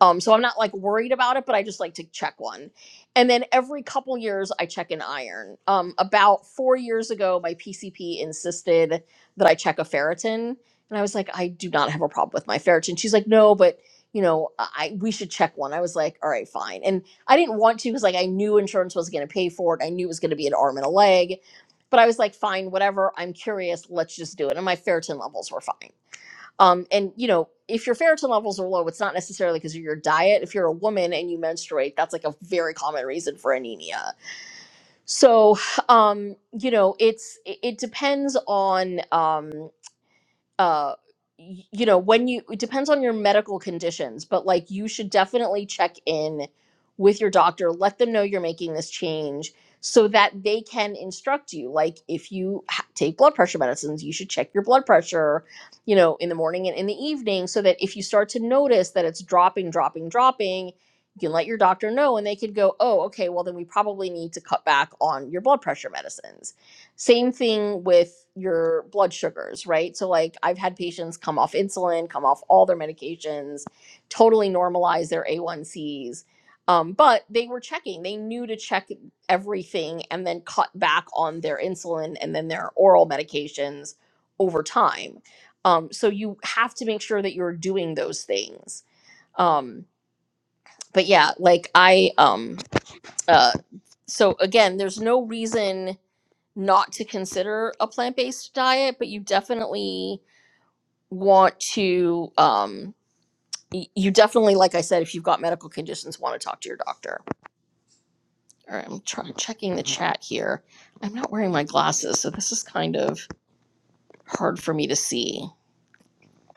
Um, so I'm not like worried about it, but I just like to check one. And then every couple years, I check an iron. Um, about four years ago, my PCP insisted that I check a ferritin, and I was like, I do not have a problem with my ferritin. She's like, No, but you know, I we should check one. I was like, All right, fine. And I didn't want to because like I knew insurance was going to pay for it. I knew it was going to be an arm and a leg but I was like, fine, whatever. I'm curious. Let's just do it. And my ferritin levels were fine. Um, and you know, if your ferritin levels are low, it's not necessarily because of your diet. If you're a woman and you menstruate, that's like a very common reason for anemia. So, um, you know, it's it, it depends on. Um, uh you know when you it depends on your medical conditions but like you should definitely check in with your doctor let them know you're making this change so that they can instruct you like if you ha- take blood pressure medicines you should check your blood pressure you know in the morning and in the evening so that if you start to notice that it's dropping dropping dropping you can let your doctor know and they could go oh okay well then we probably need to cut back on your blood pressure medicines same thing with your blood sugars, right? So, like, I've had patients come off insulin, come off all their medications, totally normalize their A1Cs. Um, but they were checking, they knew to check everything and then cut back on their insulin and then their oral medications over time. Um, so, you have to make sure that you're doing those things. Um, but yeah, like, I, um, uh, so again, there's no reason not to consider a plant-based diet but you definitely want to um y- you definitely like i said if you've got medical conditions want to talk to your doctor all right i'm trying checking the chat here i'm not wearing my glasses so this is kind of hard for me to see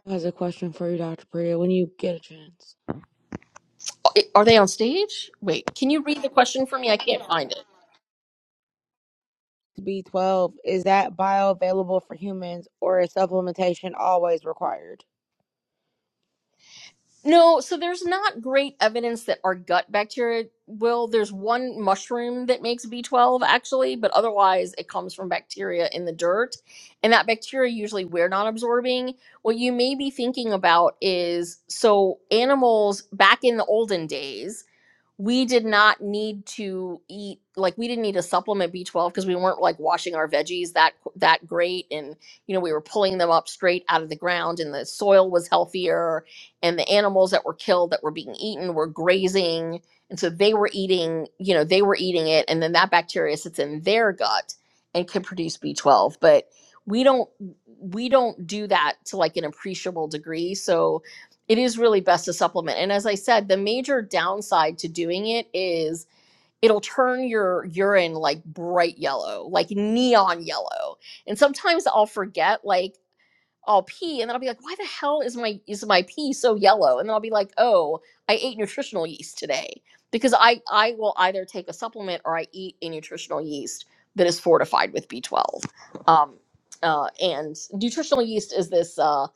Has a question for you, Dr. Priya, when you get a chance. A- are they on stage wait can you read the question for me i can't find it B12, is that bioavailable for humans or is supplementation always required? No, so there's not great evidence that our gut bacteria will. There's one mushroom that makes B12 actually, but otherwise it comes from bacteria in the dirt. And that bacteria usually we're not absorbing. What you may be thinking about is so animals back in the olden days we did not need to eat like we didn't need to supplement B12 because we weren't like washing our veggies that that great and you know we were pulling them up straight out of the ground and the soil was healthier and the animals that were killed that were being eaten were grazing and so they were eating you know they were eating it and then that bacteria sits in their gut and can produce B12 but we don't we don't do that to like an appreciable degree so it is really best to supplement. And as I said, the major downside to doing it is it'll turn your urine like bright yellow, like neon yellow. And sometimes I'll forget like I'll pee and then I'll be like, why the hell is my is my pee so yellow? And then I'll be like, oh, I ate nutritional yeast today because I I will either take a supplement or I eat a nutritional yeast that is fortified with B12. Um, uh, and nutritional yeast is this uh,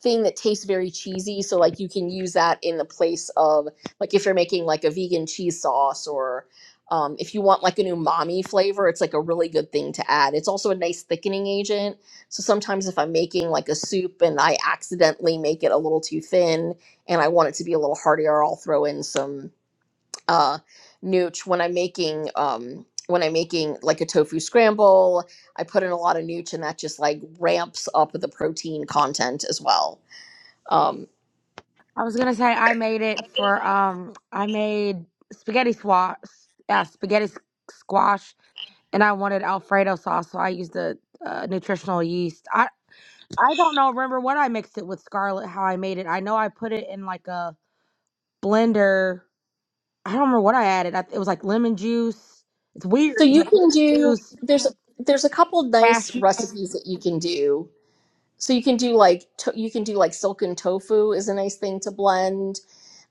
thing that tastes very cheesy, so like you can use that in the place of like if you're making like a vegan cheese sauce or um, if you want like an umami flavor, it's like a really good thing to add. It's also a nice thickening agent so sometimes if I'm making like a soup and I accidentally make it a little too thin and I want it to be a little heartier, I'll throw in some uh nooch. When I'm making um when I'm making like a tofu scramble, I put in a lot of nooch and that just like ramps up the protein content as well. Um I was gonna say I made it for um I made spaghetti squash, yeah, spaghetti s- squash, and I wanted Alfredo sauce, so I used the uh, nutritional yeast. I I don't know. Remember what I mixed it with scarlet? How I made it? I know I put it in like a blender. I don't remember what I added. I, it was like lemon juice. It's weird. so It was you like can lemon do juice, there's a there's a couple nice cashews. recipes that you can do. So you can do like to, you can do like silken tofu is a nice thing to blend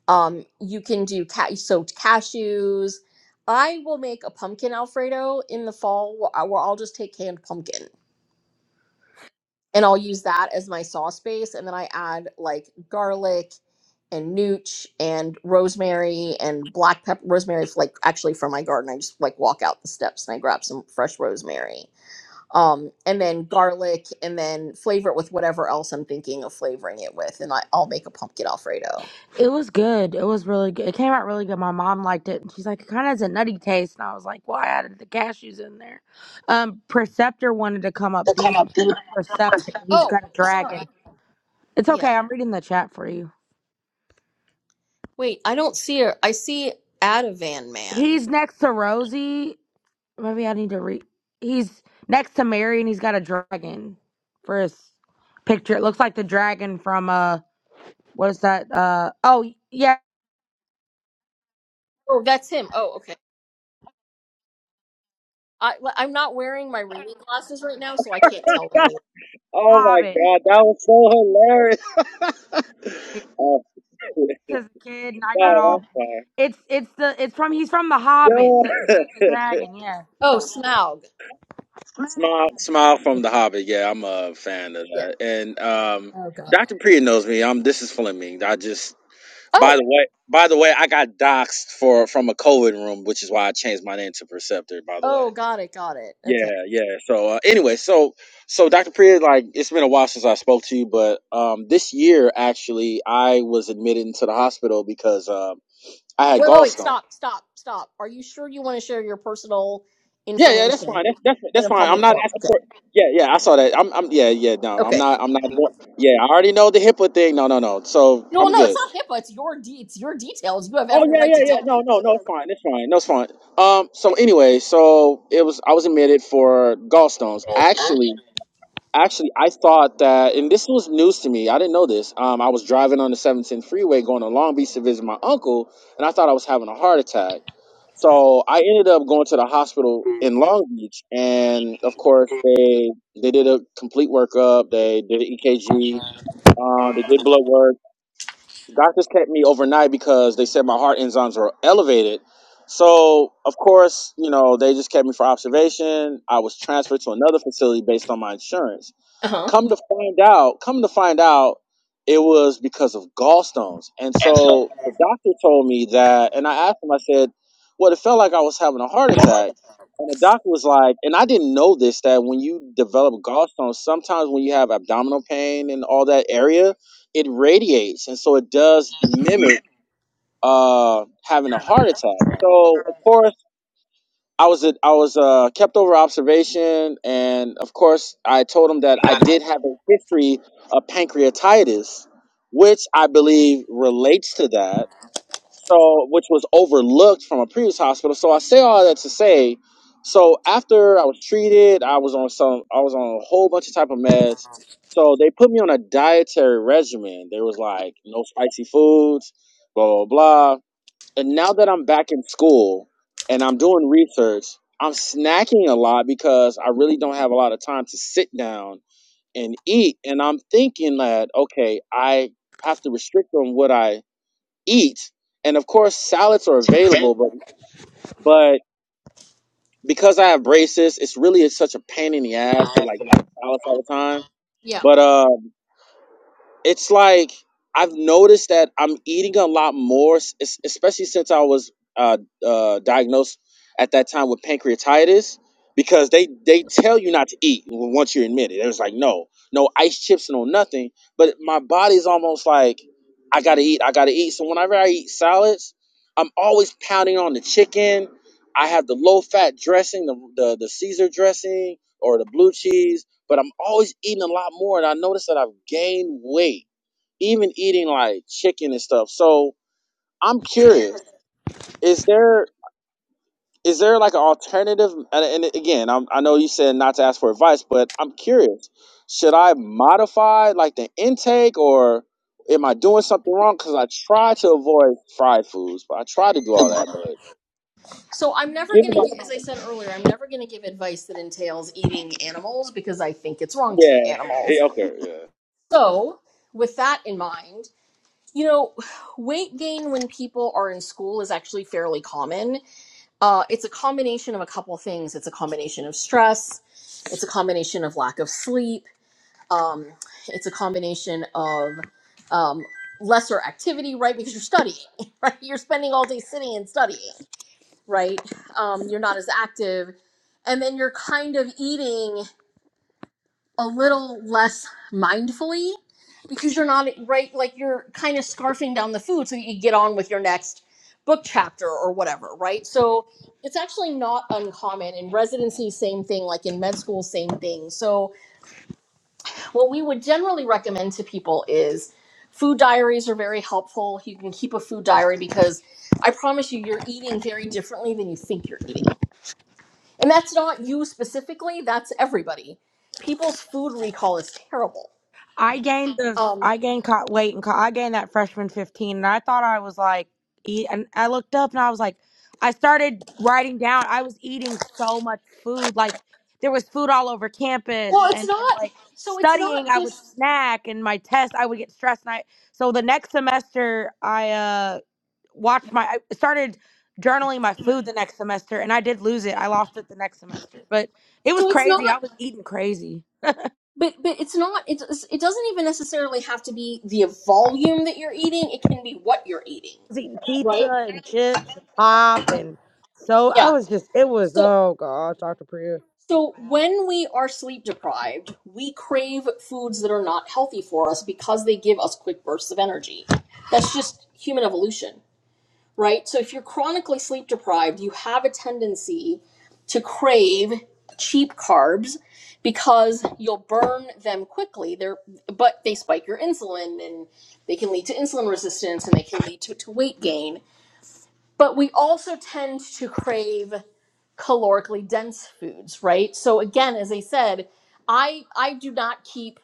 Um, you can do ca- soaked cashews. I will make a pumpkin Alfredo in the fall wh- uh, where I'll just take canned pumpkin and I'll use that as my sauce base. And then I add like garlic and nooch and rosemary and black pepper. Rosemary, is, like actually from my garden. I just like walk out the steps and I grab some fresh rosemary. Um, and then garlic and then flavor it with whatever else I'm thinking of flavoring it with. And I, I'll make a pumpkin Alfredo. It was good. It was really good. It came out really good. My mom liked it. and She's like, it kind of has a nutty taste, and I was like, well, I added the cashews in there. Um, Perceptor wanted to come up. The Perceptor, who's Oh, got a (laughs) sorry. dragon. It's yeah. okay. I'm reading the chat for you. Wait, I don't see her. I see Ativan Man. He's next to Rosie. Maybe I need to read. He's next to Mary, and he's got a dragon for his picture. It looks like the dragon from uh, what is that? Uh, oh yeah, Oh, that's him. Oh, okay. I, I'm not wearing my reading glasses right now, so I can't tell anyone. Oh my Hobbit. god, that was so hilarious. Oh, (laughs) As a kid, and I got oh all. that's fine. It's it's the it's from he's from the Yo, Hobbit. The the the dragon. yeah. Oh, Smaug. (laughs) smile, smile from the Okay. Hobbit. Yeah, I'm a fan of Yeah. that. And um, Oh, God. Doctor Priya knows me. I'm. This is Fleming. I just. By the Oh, way, by the way, I got doxxed for from a COVID room, which is why I changed my name to Perceptor. By the oh, way. got it, got it. Okay. Yeah, yeah. So uh, anyway, so so Dr. Priya, like it's been a while since I spoke to you, but um, this year actually I was admitted into the hospital because um. I had Wait, wait, wait. gallstone. Stop, stop, stop. Are you sure you want to share your personal Yeah, yeah, that's information fine. That's that's in that's a fine. I'm public not forum? asking Okay. for. Yeah, yeah, I saw that. I'm, I'm, yeah, yeah. No, I'm Okay. not. I'm not. Yeah, I already know the HIPAA thing. No, no, no. So No, I'm no, it's good. not HIPAA. It's your de- it's your details. You have Oh every yeah, right yeah, to yeah. tell No, no, no. people. It's fine. It's fine. No, it's fine. Um. So anyway, so it was. I was admitted for gallstones. Actually, Actually, I thought that, and this was news to me. I didn't know this. Um, I was driving on the 710 freeway going to Long Beach to visit my uncle, and I thought I was having a heart attack. So I ended up going to the hospital in Long Beach, and of course they they did a complete workup. They did an Uh EKG. Um, they did blood work. Doctors kept me overnight because they said my heart enzymes were elevated. So of course, you know, they just kept me for observation. I was transferred to another facility based on my insurance. huh. Come to find out, come to find out, it was because of gallstones. And And so, so the doctor told me that, and I asked him, I said, well, it felt like I was having a heart the heart attack. attack And the doctor was like, and I didn't know this, that when you develop gallstones, sometimes when you have abdominal pain and all that area, it radiates. And so it does just mimic mimicked uh, having a having a heart heart attack. attack. So, of course, I was I was uh, kept over observation, and of course, I told him that I That I did did have a history of pancreatitis, which I believe relates to that. So, which was overlooked from a previous hospital. So, I say all that to say, so after I was treated, I was on some, I was on a whole bunch of type of meds. So they put me on a dietary regimen. They was like no spicy foods, blah blah blah and now that I'm back in school and I'm doing research, I'm snacking a lot because I really don't have a lot of time to sit down and eat. And I'm thinking that, okay, I have to restrict on what I eat. And of course, salads are survey available, but, but because I have braces, it's really it's such a pain in the ass to like eat salads all the time. Yeah. But, uh. it's like I've noticed that I'm eating a lot more, es- especially since I was uh, uh, diagnosed at that time with pancreatitis, because they they tell you not to eat once you're admitted. It was like no, no ice chips, no nothing. But my body's almost like I gotta eat, I gotta eat. So whenever I eat salads, I'm always pounding on the chicken. I have the low fat dressing, the, the the Caesar dressing or the blue cheese but I'm always eating a lot more, and I noticed that I've gained weight, even eating like chicken and stuff. So I'm curious: is there is there like an alternative? And, and again, I'm, I know you said not to ask for advice, but I'm curious: should I modify like the intake, or am I doing something wrong? Because I try to avoid fried foods, but I try to do all that. But So I'm never going given my to, as I said earlier, I'm never going to give advice that entails eating animals because I think it's wrong to eat yeah, (laughs) animals. yeah, okay, yeah, So, with that in mind, you know, weight gain when people are in school is actually fairly common. Uh, it's a combination of a couple things. It's a combination of stress. It's a combination of lack of sleep. Um, it's a combination of um, lesser activity, right? Because you're studying, (laughs) right? You're spending all day sitting and studying, right? Um, you're not as active, and then you're kind of eating a little less mindfully because you're not right like you're kind of scarfing down the food so that you get on with your next book chapter or whatever right so it's actually not uncommon in residency same thing like in med school same thing so what we would generally recommend to people is food diaries are very helpful you can keep a food diary because i promise you you're eating very differently than you think you're eating and that's not you specifically that's everybody people's food recall is terrible I gained the um I gained co- weight and co- I gained that freshman 15 and I thought I was like eat and I looked up and I was like I started writing down I was eating so much food like there was food all over campus well it's and then not like so it's studying not I would just snack and my test I would get stressed and I so the next semester I uh watched my I started journaling my food the next semester and I did lose it I lost it the next semester but it was so it's crazy not I was eating crazy but but it's not It it doesn't even necessarily have to be the volume that you're eating it can be what you're eating was eating right pizza and chips and pop and so I yeah was just it was so oh gosh, Dr. Priya. so when we are sleep deprived we crave foods that are not healthy for us because they give us quick bursts of energy that's just human evolution right? So if you're chronically sleep deprived, you have a tendency to crave cheap carbs because you'll burn them quickly. They're but they spike your insulin and they can lead to insulin resistance and they can lead to, to weight gain. But we also tend to crave calorically dense foods, right? So again, as I said, I I do not keep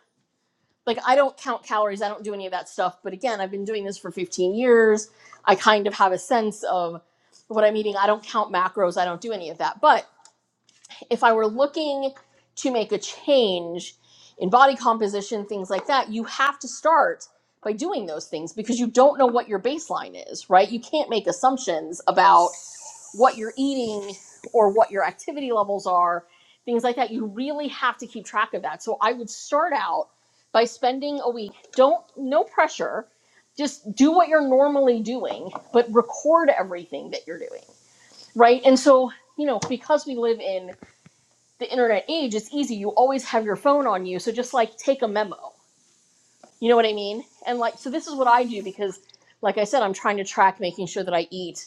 like I don't count calories, I don't do any of that stuff. But again, I've been doing this for 15 years. I kind of have a sense of what I'm eating. I don't count macros, I don't do any of that. But if I were looking to make a change in body composition, things like that, you have to start by doing those things because you don't know what your baseline is, right? You can't make assumptions about what you're eating or what your activity levels are, things like that. You really have to keep track of that. So I would start out by spending a week. Don't no pressure. Just do what you're normally doing, but record everything that you're doing. Right? And so, you know, because we live in the internet age, it's easy. You always have your phone on you. So just like take a memo. You know what I mean? And like so this is what I do because like I said, I'm trying to track making sure that I eat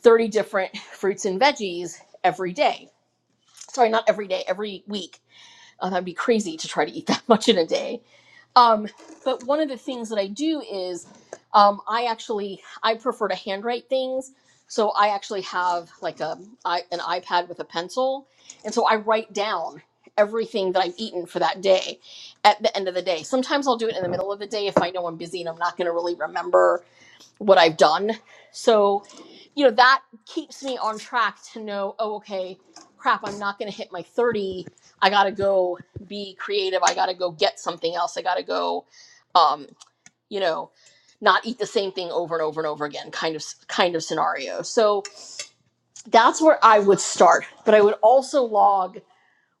30 different fruits and veggies every day. Sorry, not every day, every week. Uh, that'd be crazy to try to eat (laughs) that much in a day. Um, but one of the things that I do is um, I actually I prefer to handwrite things. So I actually have like a I, an iPad with a pencil, and so I write down everything that I've eaten for that day at the end of the day. Sometimes I'll do it in the middle of the day if I know I'm busy and I'm not going to really remember what I've done. So, you know, that keeps me on track to know, oh, okay, crap, I'm not going to hit my 30. I got to go be creative. I got to go get something else. I got to go, um, you know, not eat the same thing over and over and over again kind of kind of scenario. So that's where I would start, but I would also log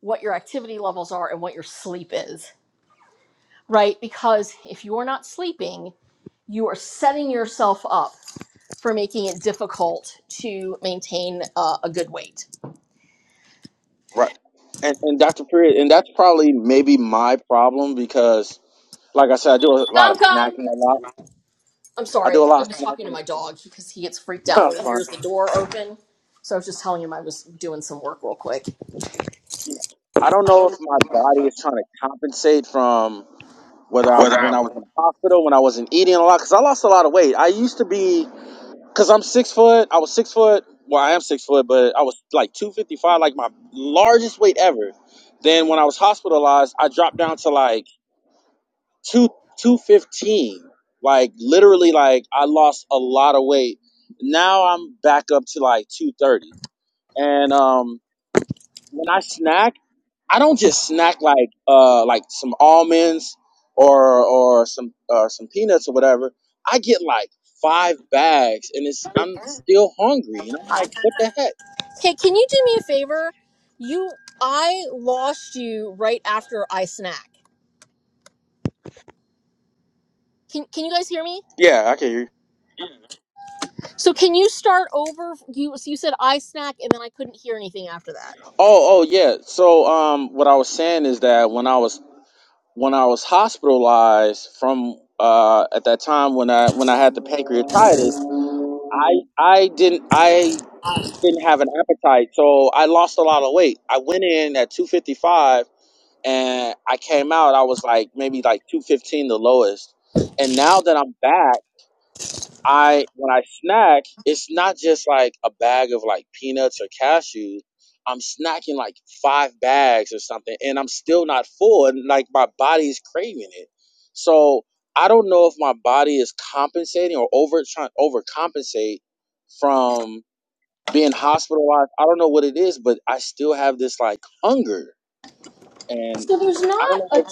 what your activity levels are and what your sleep is right? Because if you're not sleeping, you are setting yourself up for making it difficult to maintain uh, a good weight. right. And, and Dr. Period, and that's probably maybe my problem because Like I said, I do a lot Come, of come. snacking a lot. I'm I sorry. do a lot I of was talking to snacking. my dog because he gets freaked (laughs) No, out I'm when he fine. hears the door open. So I was just telling him I was doing some work real quick. You know, I don't know if my body is trying to compensate from whether I What when I was in the hospital, when I wasn't eating a lot, because I lost a lot of weight. I used to be, because I'm six foot. I was six foot. Well, I am six foot, but I was like 255, like my largest weight ever. Then when I was hospitalized, I dropped down to like two 215. Like literally, like I lost a lot of weight now I'm back up to like 230. And um, when I snack, I don't just snack like uh like some almonds or or some or some peanuts or whatever. I get like five bags, and it's I'm still hungry, and I'm like, what the heck? Okay, can you do me a favor? You, I lost you right after I snack. Can Can you guys hear me? Yeah, I can hear you. So can you start over? You so you said I snack, and then I couldn't hear anything after that. Oh, oh yeah. So um, what I was saying is that when I was when I was hospitalized from uh at that time when I when I had the pancreatitis. I I didn't I didn't have an appetite, so I lost a lot of weight. I went in at 255 and I came out I was like maybe like 215 the lowest. And now that I'm back, I when I snack, it's not just like a bag of like peanuts or cashews. I'm snacking like 5 bags or something and I'm still not full and like my body's craving it. So, I don't know if my body is compensating or over trying to overcompensate from being hospitalized. I don't know what it is, but I still have this like hunger, and So there's I don't not know. a What, t-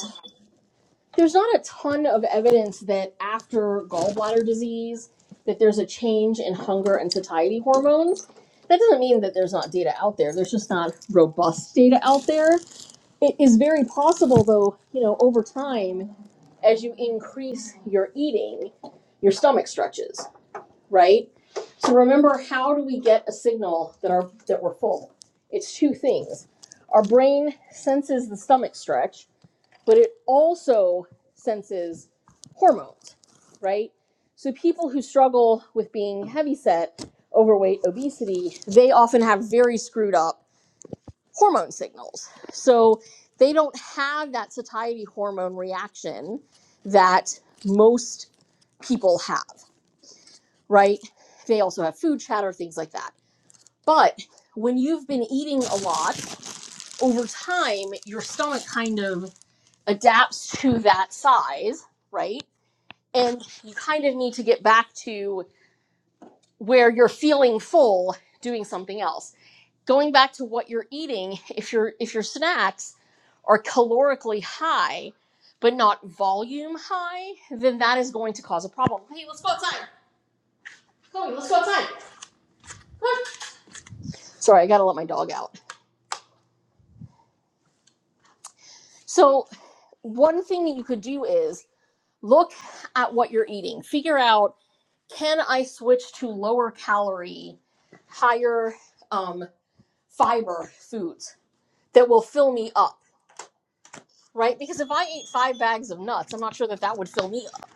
there's not a ton of evidence that after gallbladder disease that there's a change in hunger and satiety hormones. That doesn't mean that there's not data out there. There's just not robust data out there. It is very possible, though, you know, over time, as you increase your eating, your stomach stretches. right? So remember, how do we get a signal that our that we're full? It's two things. Our brain senses the stomach stretch, but it also senses hormones, right? So people who struggle with being heavyset, overweight, obesity, they often have very screwed up hormone signals. So they don't have that satiety hormone reaction that most people have right? They also have food chatter, things like that. But when you've been eating a lot over time, your stomach kind of adapts to that size, right? And you kind of need to get back to where you're feeling full doing something else. Going back to what you're eating, if your if your snacks are calorically high but not volume high, then that is going to cause a problem. Hey, let's go outside. Chloe, let's go outside. Ah. Sorry, I gotta let my dog out. So, one thing that you could do is look at what you're eating. Figure out can I switch to lower calorie, higher um, fiber foods that will fill me up, right? Because if I ate five bags of nuts, I'm not sure that that would fill me up,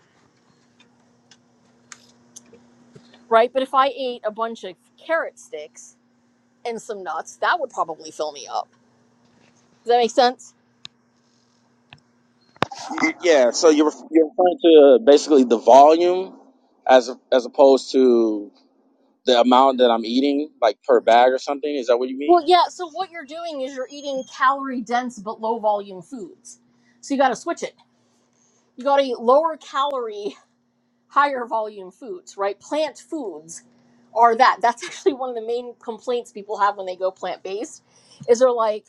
right? But if I ate a bunch of carrot sticks and some nuts, that would probably fill me up. Does that make sense? yeah, so you're you're referring to basically the volume as as opposed to the amount that I'm eating, like per bag or something. Is that what you Well, mean? yeah. So, what you're doing is you're eating calorie dense but low volume foods. So, you got to switch it You gotta eat lower calorie, (laughs) higher volume foods, right? Plant foods are that. That's (laughs) actually one of the main complaints people have when they go plant based, is they're like,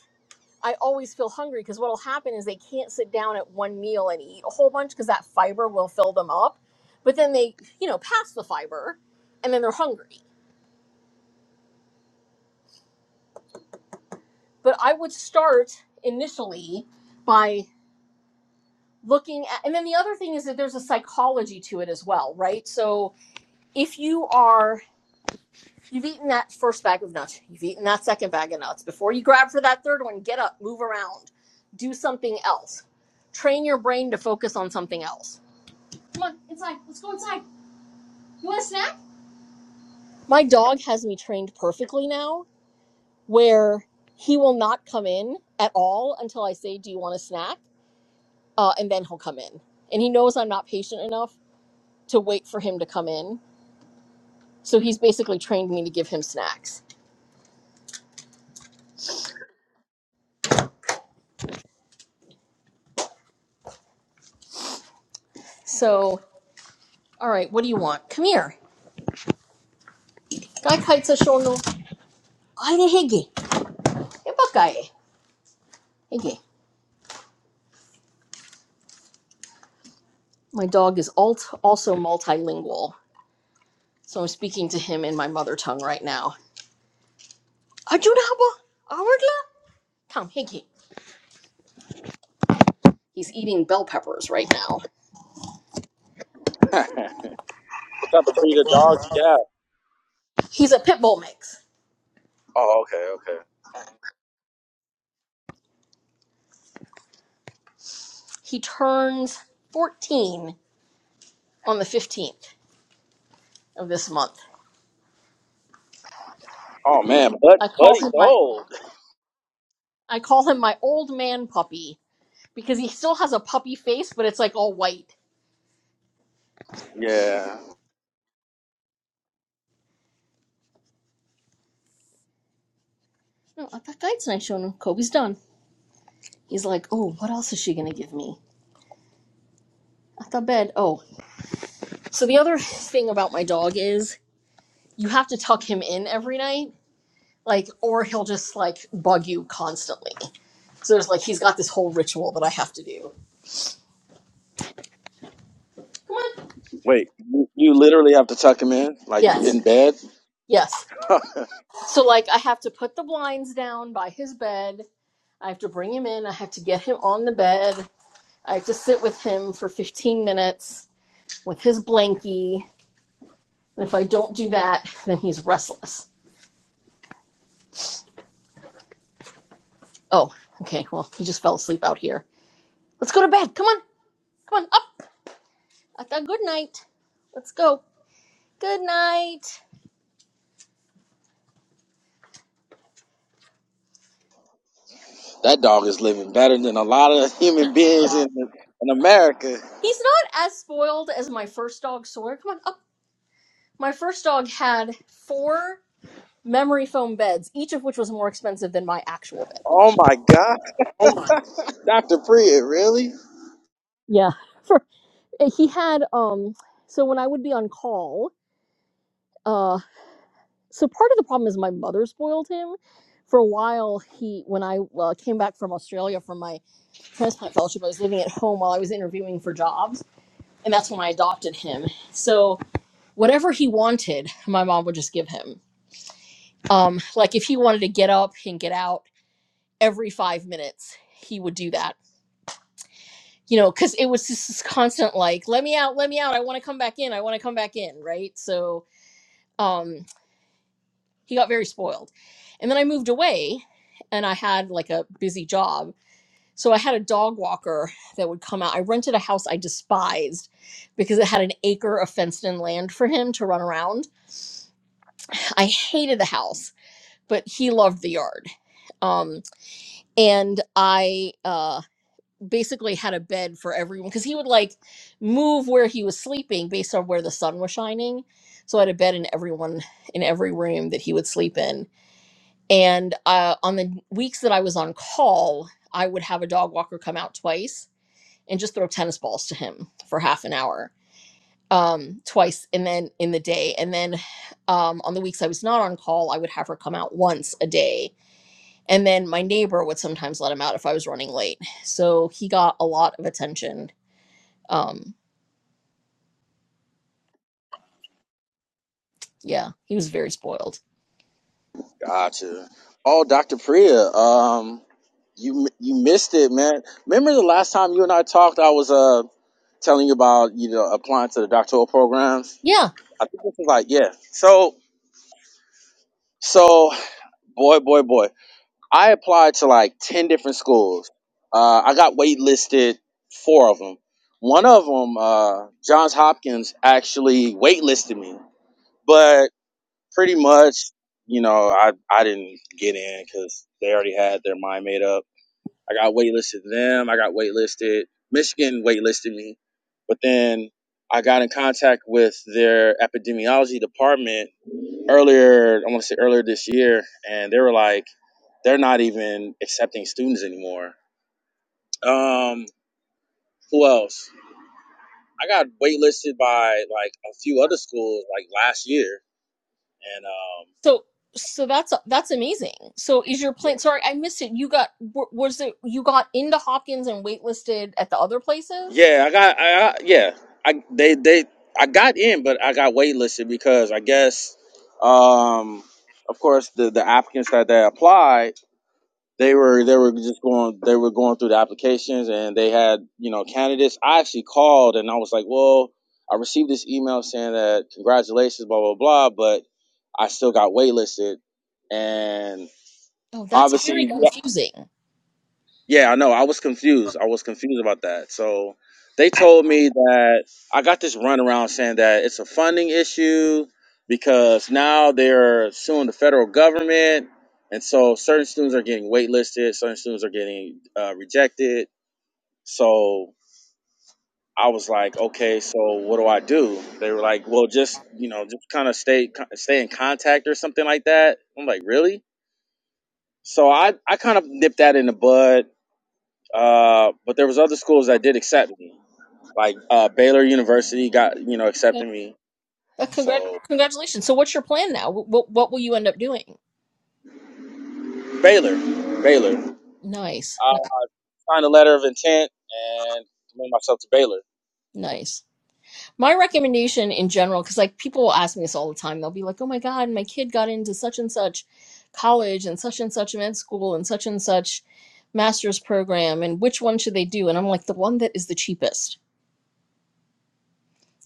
I always feel hungry because what'll happen is they can't sit down at one meal and eat a whole bunch because that fiber will fill them up. But then they, you know, pass the fiber and then they're hungry. But I would start initially by looking at, and then the other thing is that there's a psychology to it as well, right? So if you are You've eaten that first bag of nuts. You've eaten that second bag of nuts. Before you grab for that third one, get up, move around, do something else. Train your brain to focus on something else. Come on, inside. Let's go inside. You want a snack? My dog has me trained perfectly now where he will not come in at all until I say, Do you want a snack? Uh, and then he'll come in. And he knows I'm not patient enough to wait for him to come in. So he's basically trained me to give him snacks. So, all right, what do you want? Come here. Guy kites a shoulder. Aina Higgy. Ibakai. Higgy. My dog is alt, also multilingual, so I'm speaking to him in my mother tongue right now. Ajunaba? Awardla? Tom Higgy. He's eating bell peppers right now. (laughs) what type of breed of dog do you have? He's a pit bull mix. Oh, okay, okay. He turns 14 on the 15th of this month. Oh man, but I call Buddy's him my old. I call him my old man puppy because he still has a puppy face, but it's like all white. Yeah. No, that guy's nice, Shonen. Kobe's done. He's like, oh, what else is she gonna give me? Not the bed. Oh, so the other thing about my dog is you have to tuck him in every night, like, or he'll just like bug you constantly. So there's like he's got this whole ritual that I have to do. Wait, you, you literally have to tuck him in, like Yes, in bed. yes. (laughs) So like I have to put the blinds down by his bed. I have to bring him in. I have to get him on the bed. I have to sit with him for 15 minutes with his blankie. And if I don't do that, then he's restless. Oh, okay. Well, he just fell asleep out here. Let's go to bed. Come on, come on, up. Aka, good night. Let's go. Good night. That dog is living better than a lot of (laughs) human beings in in America. He's not as spoiled as my first dog, Sawyer. Come on up. My first dog had four memory foam beds, each of which was more expensive than my actual bed. Oh my God, Oh my. Dr. Priya, really? Yeah. For eh, he had um so when I would be on call, uh so part of the problem is my mother spoiled him. For a while, he when I uh, came back from Australia from my transplant fellowship, I was living at home while I was interviewing for jobs, and that's when I adopted him. So whatever he wanted, my mom would just give him. Um, like if he wanted to get up and get out every five minutes, he would do that. You know, because it was just this constant like, let me out, let me out, I want to come back in, I want to come back in, right? So um, he got very spoiled. And then I moved away and I had like a busy job. So I had a dog walker that would come out. I rented a house I despised because it had an acre of fenced in land for him to run around. I hated the house but he loved the yard. Um, and I uh, basically had a bed for everyone because he would like move where he was sleeping based on where the sun was shining. So I had a bed in everyone in every room that he would sleep in. And uh, on the weeks that I was on call, I would have a dog walker come out twice and just throw tennis balls to him for half an hour um twice and then in the day and then um on the weeks i was not on call i would have her come out once a day and then my neighbor would sometimes let him out if I was running late. So he got a lot of attention. Um, yeah, he was very spoiled. Gotcha. Oh, Dr. Priya, um, you you missed it, man. Remember the last time you and I talked? I was uh telling you about you know applying to the doctoral programs. Yeah. I think this was like yeah. So so boy boy boy. I applied to like 10 different schools. Uh, I got waitlisted four of them. One of them, uh, Johns Hopkins, actually waitlisted me, but pretty much, you know, I, I didn't get in because they already had their mind made up. I got waitlisted to them. I got waitlisted. Michigan waitlisted me, but then I got in contact with their epidemiology department earlier, I want to say earlier this year, and they were like, they're not even accepting students anymore. Um, who else? I got waitlisted by like a few other schools like last year, and um, So so that's that's amazing. So is your plan? yeah, Sorry, I missed it. You got wa- was it you got into Hopkins and waitlisted at the other places? yeah, I got, I, I yeah, I they they I got in, but I got waitlisted because I guess, um, of course the the applicants that they applied. they were they were just going they were going through the applications and they had you know candidates i actually called and i was like well i received this email saying that congratulations blah blah blah but i still got waitlisted and Oh, that's very obviously confusing. yeah, I know. I was confused. I was confused about that. So they told me that I got this runaround saying that it's a funding issue because now they're suing the federal government, and so certain students are getting waitlisted, certain students are getting uh, rejected. So I was like, okay, so what do I do? They were like, well, just you know, just kind of stay stay in contact or something like that. I'm like, really? So I I kind of nipped that in the bud Uh, but there was other schools that did accept me, like uh, Baylor University got you know Okay. accepted me. Uh, congrat- So congratulations. So what's your plan now? What what will you end up doing? Baylor, Baylor, Nice, uh, I signed a letter of intent and committed myself to Baylor. nice. My recommendation in general, because like people will ask me this all the time, they'll be like, "Oh my God, my kid got into such and such college and such and such med school and such and such master's program, and which one should they do?" And I'm like, "The one that is the cheapest.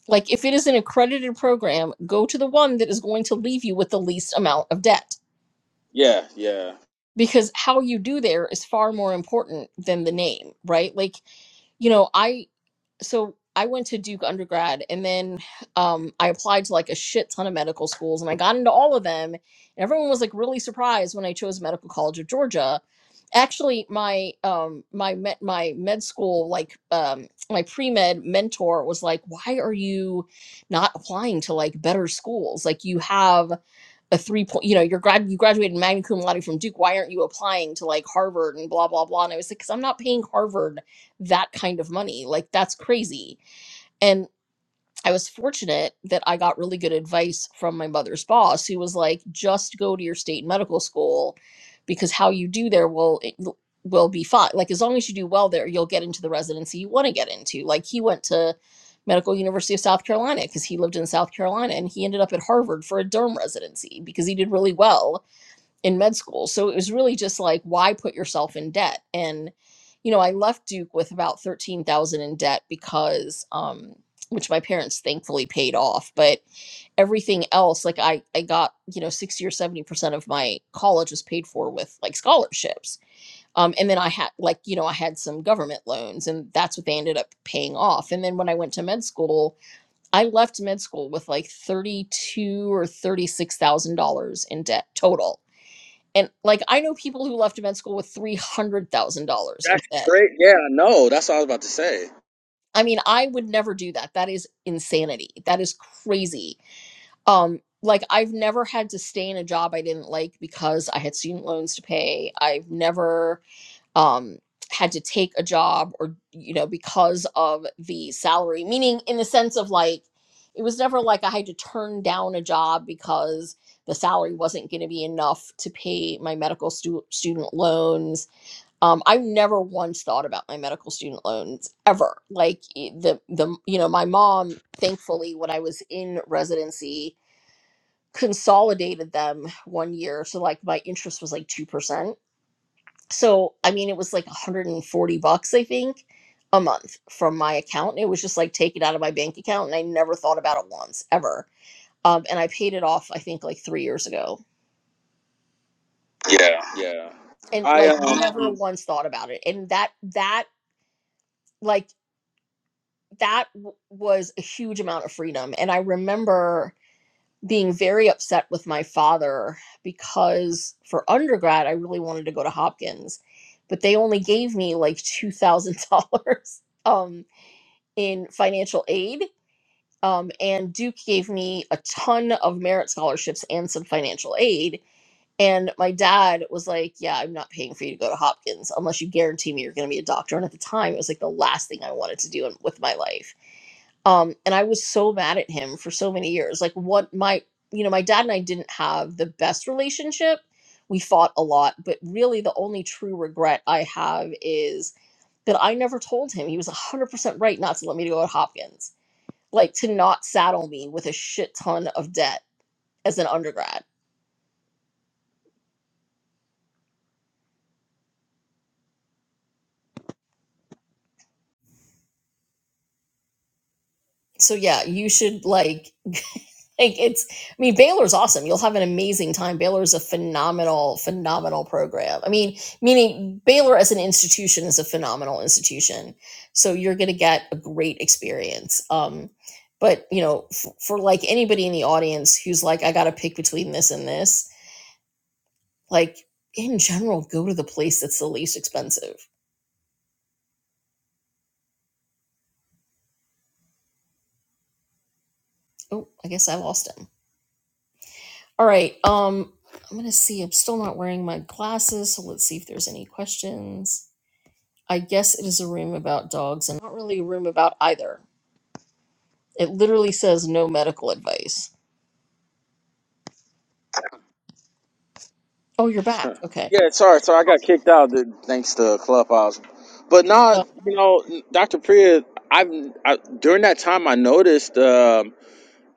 Like, if it is an accredited program, go to the one that is going to leave you with the least amount of debt." Yeah, yeah. Because how you do there is far more important than the name, right? Like, you know, I so I went to Duke undergrad and then um, I applied to like a shit ton of medical schools and I got into all of them. And everyone was like really surprised when I chose Medical College of Georgia. Actually, my um my med my med school like um my pre-med mentor was like, "Why are you not applying to like better schools? Like you have a three point, you know, you're grad you graduated magna cum laude from Duke. Why aren't you applying to like Harvard and blah blah blah?" And I was like, "Cause I'm not paying Harvard that kind of money. Like that's crazy. And I was fortunate that I got really good advice from my mother's boss who was like just go to your state medical school because how you do there will it will be fine. Like as long as you do well there, you'll get into the residency you want to get into. Like he went to Medical University of South Carolina because he lived in South Carolina and he ended up at Harvard for a derm residency because he did really well in med school. So it was really just like, why put yourself in debt? And, you know, I left Duke with about 13,000 in debt because, um, which my parents thankfully paid off, but everything else, like I, I got, you know, 60 or 70% of my college was paid for with like scholarships. Um, and then I had like, you know, I had some government loans and that's what they ended up paying off. And then when I went to med school, I left med school with like 32 or $36,000 in debt total and like I know people who left med school with three hundred thousand dollars in That's debt. great. Yeah, I know. That's what I was about to say. I mean, I would never do that. That is insanity. That is crazy. Um, like I've never had to stay in a job I didn't like because I had student loans to pay. I've never um had to take a job or you know because of the salary. Meaning in the sense of like it was never like I had to turn down a job because the salary wasn't going to be enough to pay my medical stu- student loans Um, I've never once thought about my medical student loans ever. Like e- the the you know my mom, thankfully, when I was in residency, consolidated them one year, so like my interest was like two percent. So I mean, it was like 140 bucks, I think, a month from my account. It was just like taken out of my bank account, and I never thought about it once ever. Um, and I paid it off, I think, like three years ago. Yeah. Yeah. And I like um. never Mhm. once thought about it, and that that. like. that w- was a huge amount of freedom. And I remember being very upset with my father because for undergrad, I really wanted to go to Hopkins, but they only gave me like $2,000 (laughs) um, in financial aid. Um, and Duke gave me a ton of merit scholarships and some financial aid. And my dad was like, Yeah, I'm not paying for you to go to Hopkins unless you guarantee me you're going to be a doctor. And at the time, it was like the last thing I wanted to do in, with my life um and i was so mad at him for so many years like what my you know my dad and i didn't have the best relationship we fought a lot but really the only true regret i have is that i never told him he was 100% right not to let me go to hopkins like to not saddle me with a shit ton of debt as an undergrad so yeah you should like Like it's, I mean, Baylor's awesome. You'll have an amazing time. Baylor's a phenomenal, phenomenal program. I mean, meaning Baylor as an institution is a phenomenal institution. So you're going to get a great experience. Um, but you know, f- for like anybody in the audience who's like, I got to pick between this and this, like in general, go to the place that's the least expensive. Oh, I guess I lost him. All right. Um, I'm going to see. I'm still not wearing my glasses. So let's see if there's any questions. I guess it is a room about dogs and not really a room about either. It literally says no medical advice. Oh, you're back. Okay. Yeah. Sorry. Sorry. I got kicked out th- thanks to Clubhouse. But now, Oh, you know, Dr. Priya, I've I, during that time I noticed. Um,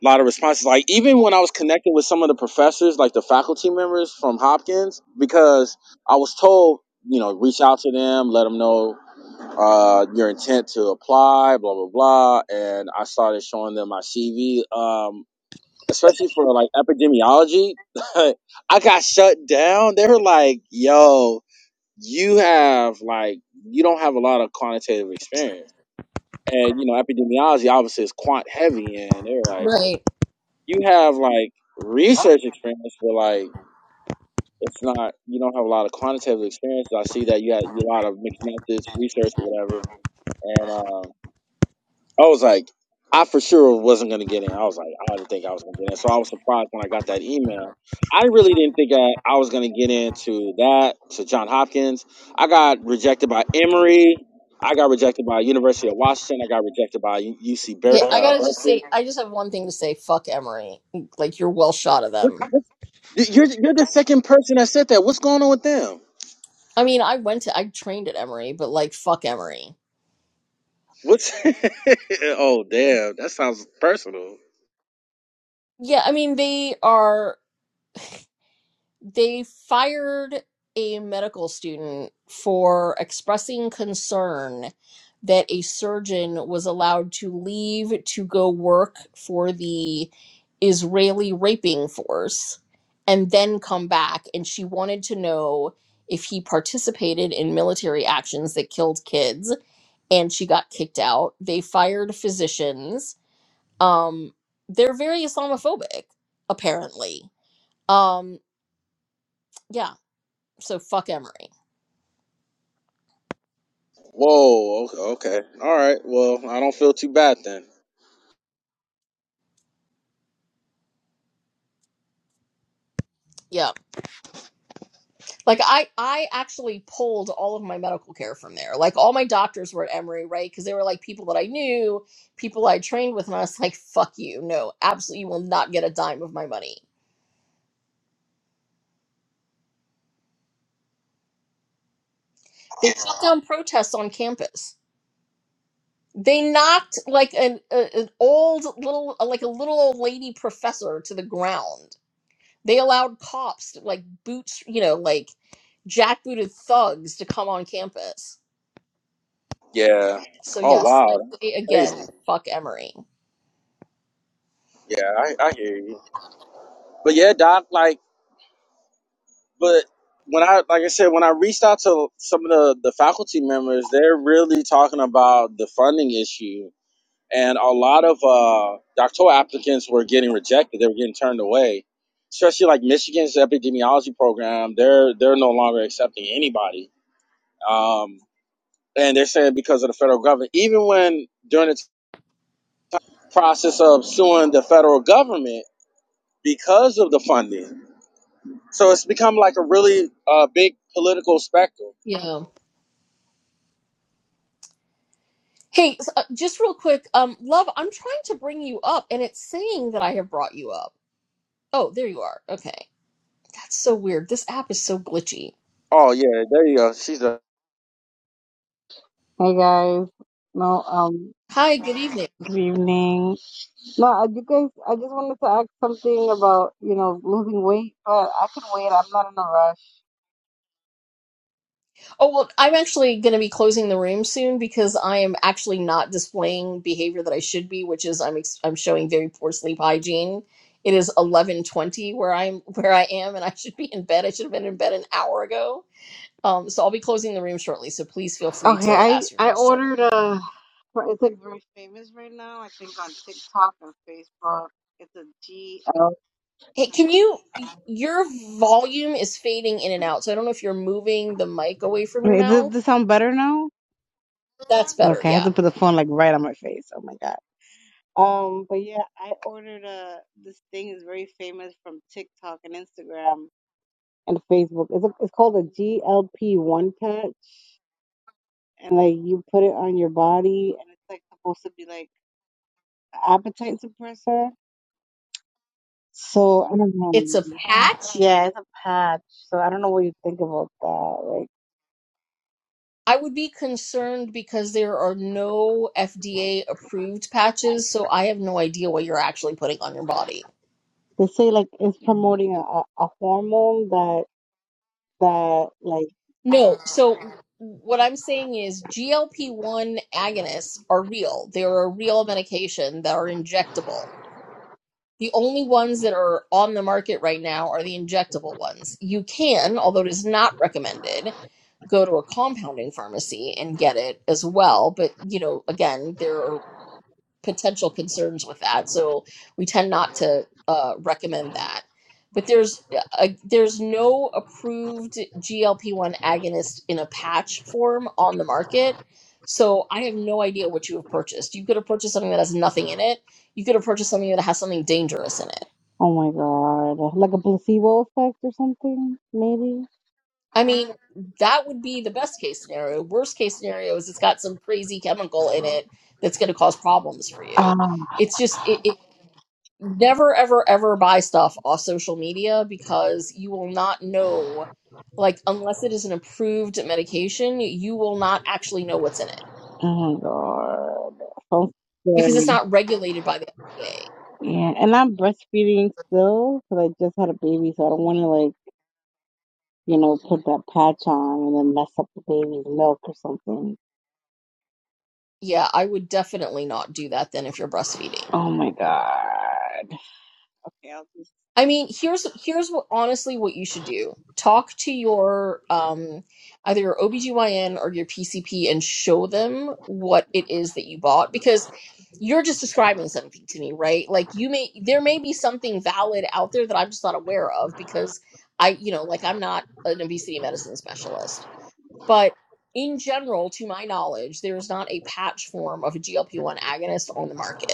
a lot of responses. Like even when I was connecting with some of the professors, like the faculty members from Hopkins, because I was told, you know, reach out to them, let them know uh, your intent to apply, blah blah blah. And I started showing them my CV, um, especially for like epidemiology. (laughs) I got shut down. They were like, "Yo, you have like you don't have a lot of quantitative experience." And you know, epidemiology obviously is quant heavy, and they were like right. you have like research experience, but like it's not you don't have a lot of quantitative experience. I see that you had you a lot of mixed methods research or whatever, and um, I was like, I for sure wasn't gonna get in. I was like, I didn't think I was gonna get in, so I was surprised when I got that email. I really didn't think I, I was gonna get into that to John Hopkins. I got rejected by Emory. I got rejected by University of Washington. I got rejected by UC Ber- Okay, I uh, gotta just Berkeley. say, I just have one thing to say. Fuck Emory. Like, you're well shot of Which, them. which You're you're the second person that said that. What's going on with them? I mean, I went to, I trained at Emory, but like, fuck Emory. What's (laughs) oh damn, that sounds personal. Yeah, I mean, they are. they fired a medical student for expressing concern that a surgeon was allowed to leave to go work for the Israeli raping force and then come back. And she wanted to know if he participated in military actions that killed kids. And she got kicked out. They fired physicians. Um, they're very Islamophobic, apparently. Um, yeah, so fuck Emory. Whoa, okay, okay. All right. Well, I don't feel too bad then. Yeah. Like I I actually pulled all of my medical care from there. Like all my doctors were at Emory, right? Cuz they were like people that I knew, people I trained with and I was like fuck you. No, absolutely you will not get a dime of my money. They shut down protests on campus. They knocked like an a, an old little like a little old lady professor to the ground. They allowed cops to like boots, you know, like jackbooted thugs to come on campus Yeah. So Oh yes, wow, I say that's again, crazy. fuck Emery. Yeah, I, I hear you. But yeah, Doc, like but when I like I said, when I reached out to some of the, the faculty members, they're really talking about the funding issue and a lot of uh, doctoral applicants were getting rejected. They were getting turned away, especially like Michigan's epidemiology program. They're they're no longer accepting anybody, um, and they're saying because of the federal government. Even when during the process of suing the federal government because of the funding, so it's become like a really uh, big political spectrum. Yeah. Hey, s- uh, just real quick, um, love, I'm trying to bring you up, and it's saying that I have brought you up. Oh, there you are. Okay, that's so weird. This app is so glitchy. Oh yeah, there you go. She's a Hey guys, no, um, Hi, good evening. good evening. No, I- you guys, I just wanted to ask something about, you know, losing weight, but I can wait. I'm not in a rush. Oh well, I'm actually going to be closing the room soon because I am actually not displaying behavior that I should be, which is I'm ex- I'm showing very poor sleep hygiene. It is 11:20 where I'm where I am, and I should be in bed. I should have been in bed an hour ago Um, so I'll be closing the room shortly. So please feel free Okay, to I ask your I question. ordered a. It's like very famous right now. I think on TikTok and Facebook. It's a G L. Hey, can you? Your volume is fading in and out. So I don't know if you're moving the mic away from your Wait, does mouth. this sound better now? That's better. Okay, I had Yeah. to put the phone like right on my face. Oh my god. Um, but yeah, I ordered a. This thing is very famous from TikTok and Instagram and Facebook. It's, a, it's called a GLP One Patch, and like you put it on your body, and it's like supposed to be like an appetite suppressor. So I don't know. It's a patch. Yeah, it's a patch. So I don't know what you think about that. Like I would be concerned because there are no FDA approved patches. So I have no idea what you're actually putting on your body. they say, like it's promoting a, a, a hormone that that like No. So what I'm saying is GLP 1 agonists are real, they're a real medication that are injectable The only ones that are on the market right now are the injectable ones. You can, although it is not recommended, go to a compounding pharmacy and get it as well. But, you know, again, there are potential concerns with that. So we tend not to uh, recommend that. But there's uh there's no approved GLP-1 agonist in a patch form on the market. So I have no idea what you have purchased. You could have purchased something that has nothing in it. You could have purchased something that has something dangerous in it oh my god, like a placebo effect or something maybe. I mean, that would be the best case scenario. Worst case scenario is it's got some crazy chemical in it that's going to cause problems for Ah, you. It's just, it, it never, ever, ever buy stuff off social media because you will not know, like, unless it is an approved medication, you will not actually know what's in it oh my god, so because scary. it's not regulated by the FDA. Yeah, and I'm breastfeeding still because I just had a baby, so I don't want to like you know put that patch on and then mess up the baby's milk or something. Yeah, I would definitely not do that then if you're breastfeeding. Oh my god. Okay, I'll just. I mean, here's here's what honestly what you should do. Talk to your um either your OBGYN or your PCP and show them what it is that you bought because you're just describing something to me, right? Like you may there may be something valid out there that I'm just not aware of because I, you know, like I'm not an obesity medicine specialist. But in general, to my knowledge, there is not a patch form of a GLP-1 agonist on the market.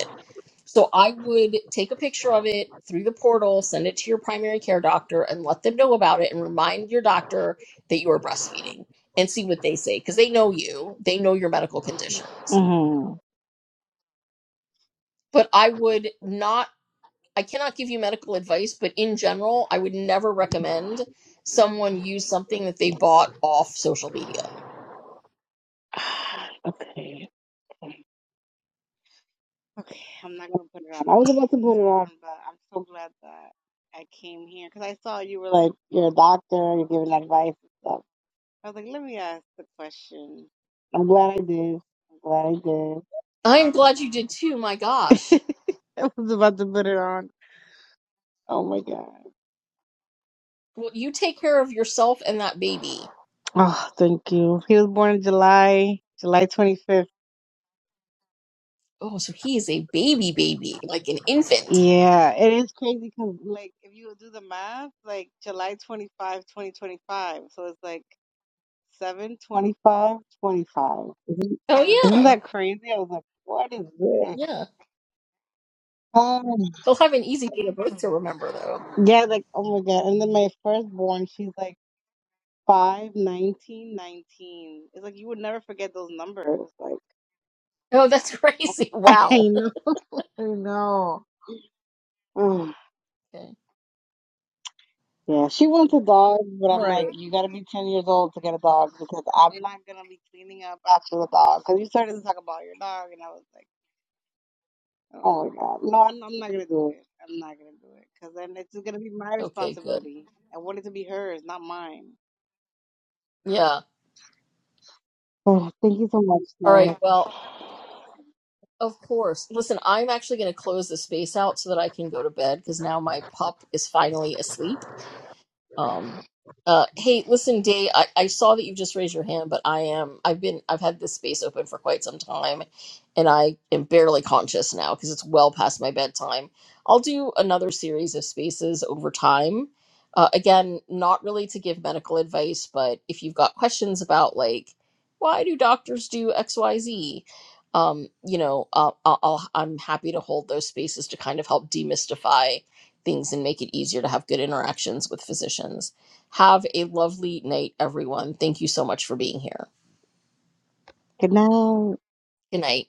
So I would take a picture of it through the portal, send it to your primary care doctor, and let them know about it and remind your doctor that you are breastfeeding and see what they say because they know you, they know your medical conditions. hmm But I would not, I cannot give you medical advice, but in general, I would never recommend someone use something that they bought off social media. (sighs) okay. Okay, Okay, I'm not gonna put it on. I was about to put it on, but I'm so glad that I came here because I saw you were like you're a doctor, you're giving advice and stuff. I was like, let me ask the question. I'm glad I did. I'm glad I'm glad you did too. My I did. (laughs) gosh. I was about to put it on. Oh my God. Well, you take care of yourself and that baby. Oh, thank you. He was born in July, July 25th. Oh, so he is a baby, baby, like an infant. Yeah, it is crazy because, like, if you do the math, like, July twenty-fifth, twenty 25, 2025. So it's like seven twenty Isn't, Oh, isn't yeah. that crazy? I was like, what is this? Yeah. Um, He'll have an easy date of birth to remember, though. yeah, like, oh my God. And then my firstborn, she's like 5 19, 19. It's like you would never forget those numbers. Like, Oh, that's (laughs) crazy. (laughs) I Wow. know. I know. (sighs) Okay. Yeah, she wants a dog, but All I'm like, right. you gotta be 10 years old to get a dog because I'm not gonna be cleaning up after the dog. Because you started to talk about your dog, and I was like, oh my god, no, I'm, I'm not gonna do it. I'm not gonna do it because then it's just gonna be my Okay, good. responsibility. I want it to be hers, not mine. Yeah. Oh, thank you so much, All right. dog. Well, of course. Listen, I'm actually going to close the space out so that I can go to bed because now my pup is finally asleep. Um, uh, hey, listen, Day, I, I saw that you just raised your hand, but I am, I've been, I've had this space open for quite some time and I am barely conscious now because it's well past my bedtime. I'll do another series of spaces over time. Uh, again, not really to give medical advice, but if you've got questions about like, why do doctors do X, Y, Z? Um, you know, uh, I'll, I'll, I'm happy to hold those spaces to kind of help demystify things and make it easier to have good interactions with physicians. Have a lovely night, everyone. Thank you so much for being here. Good night. Good night.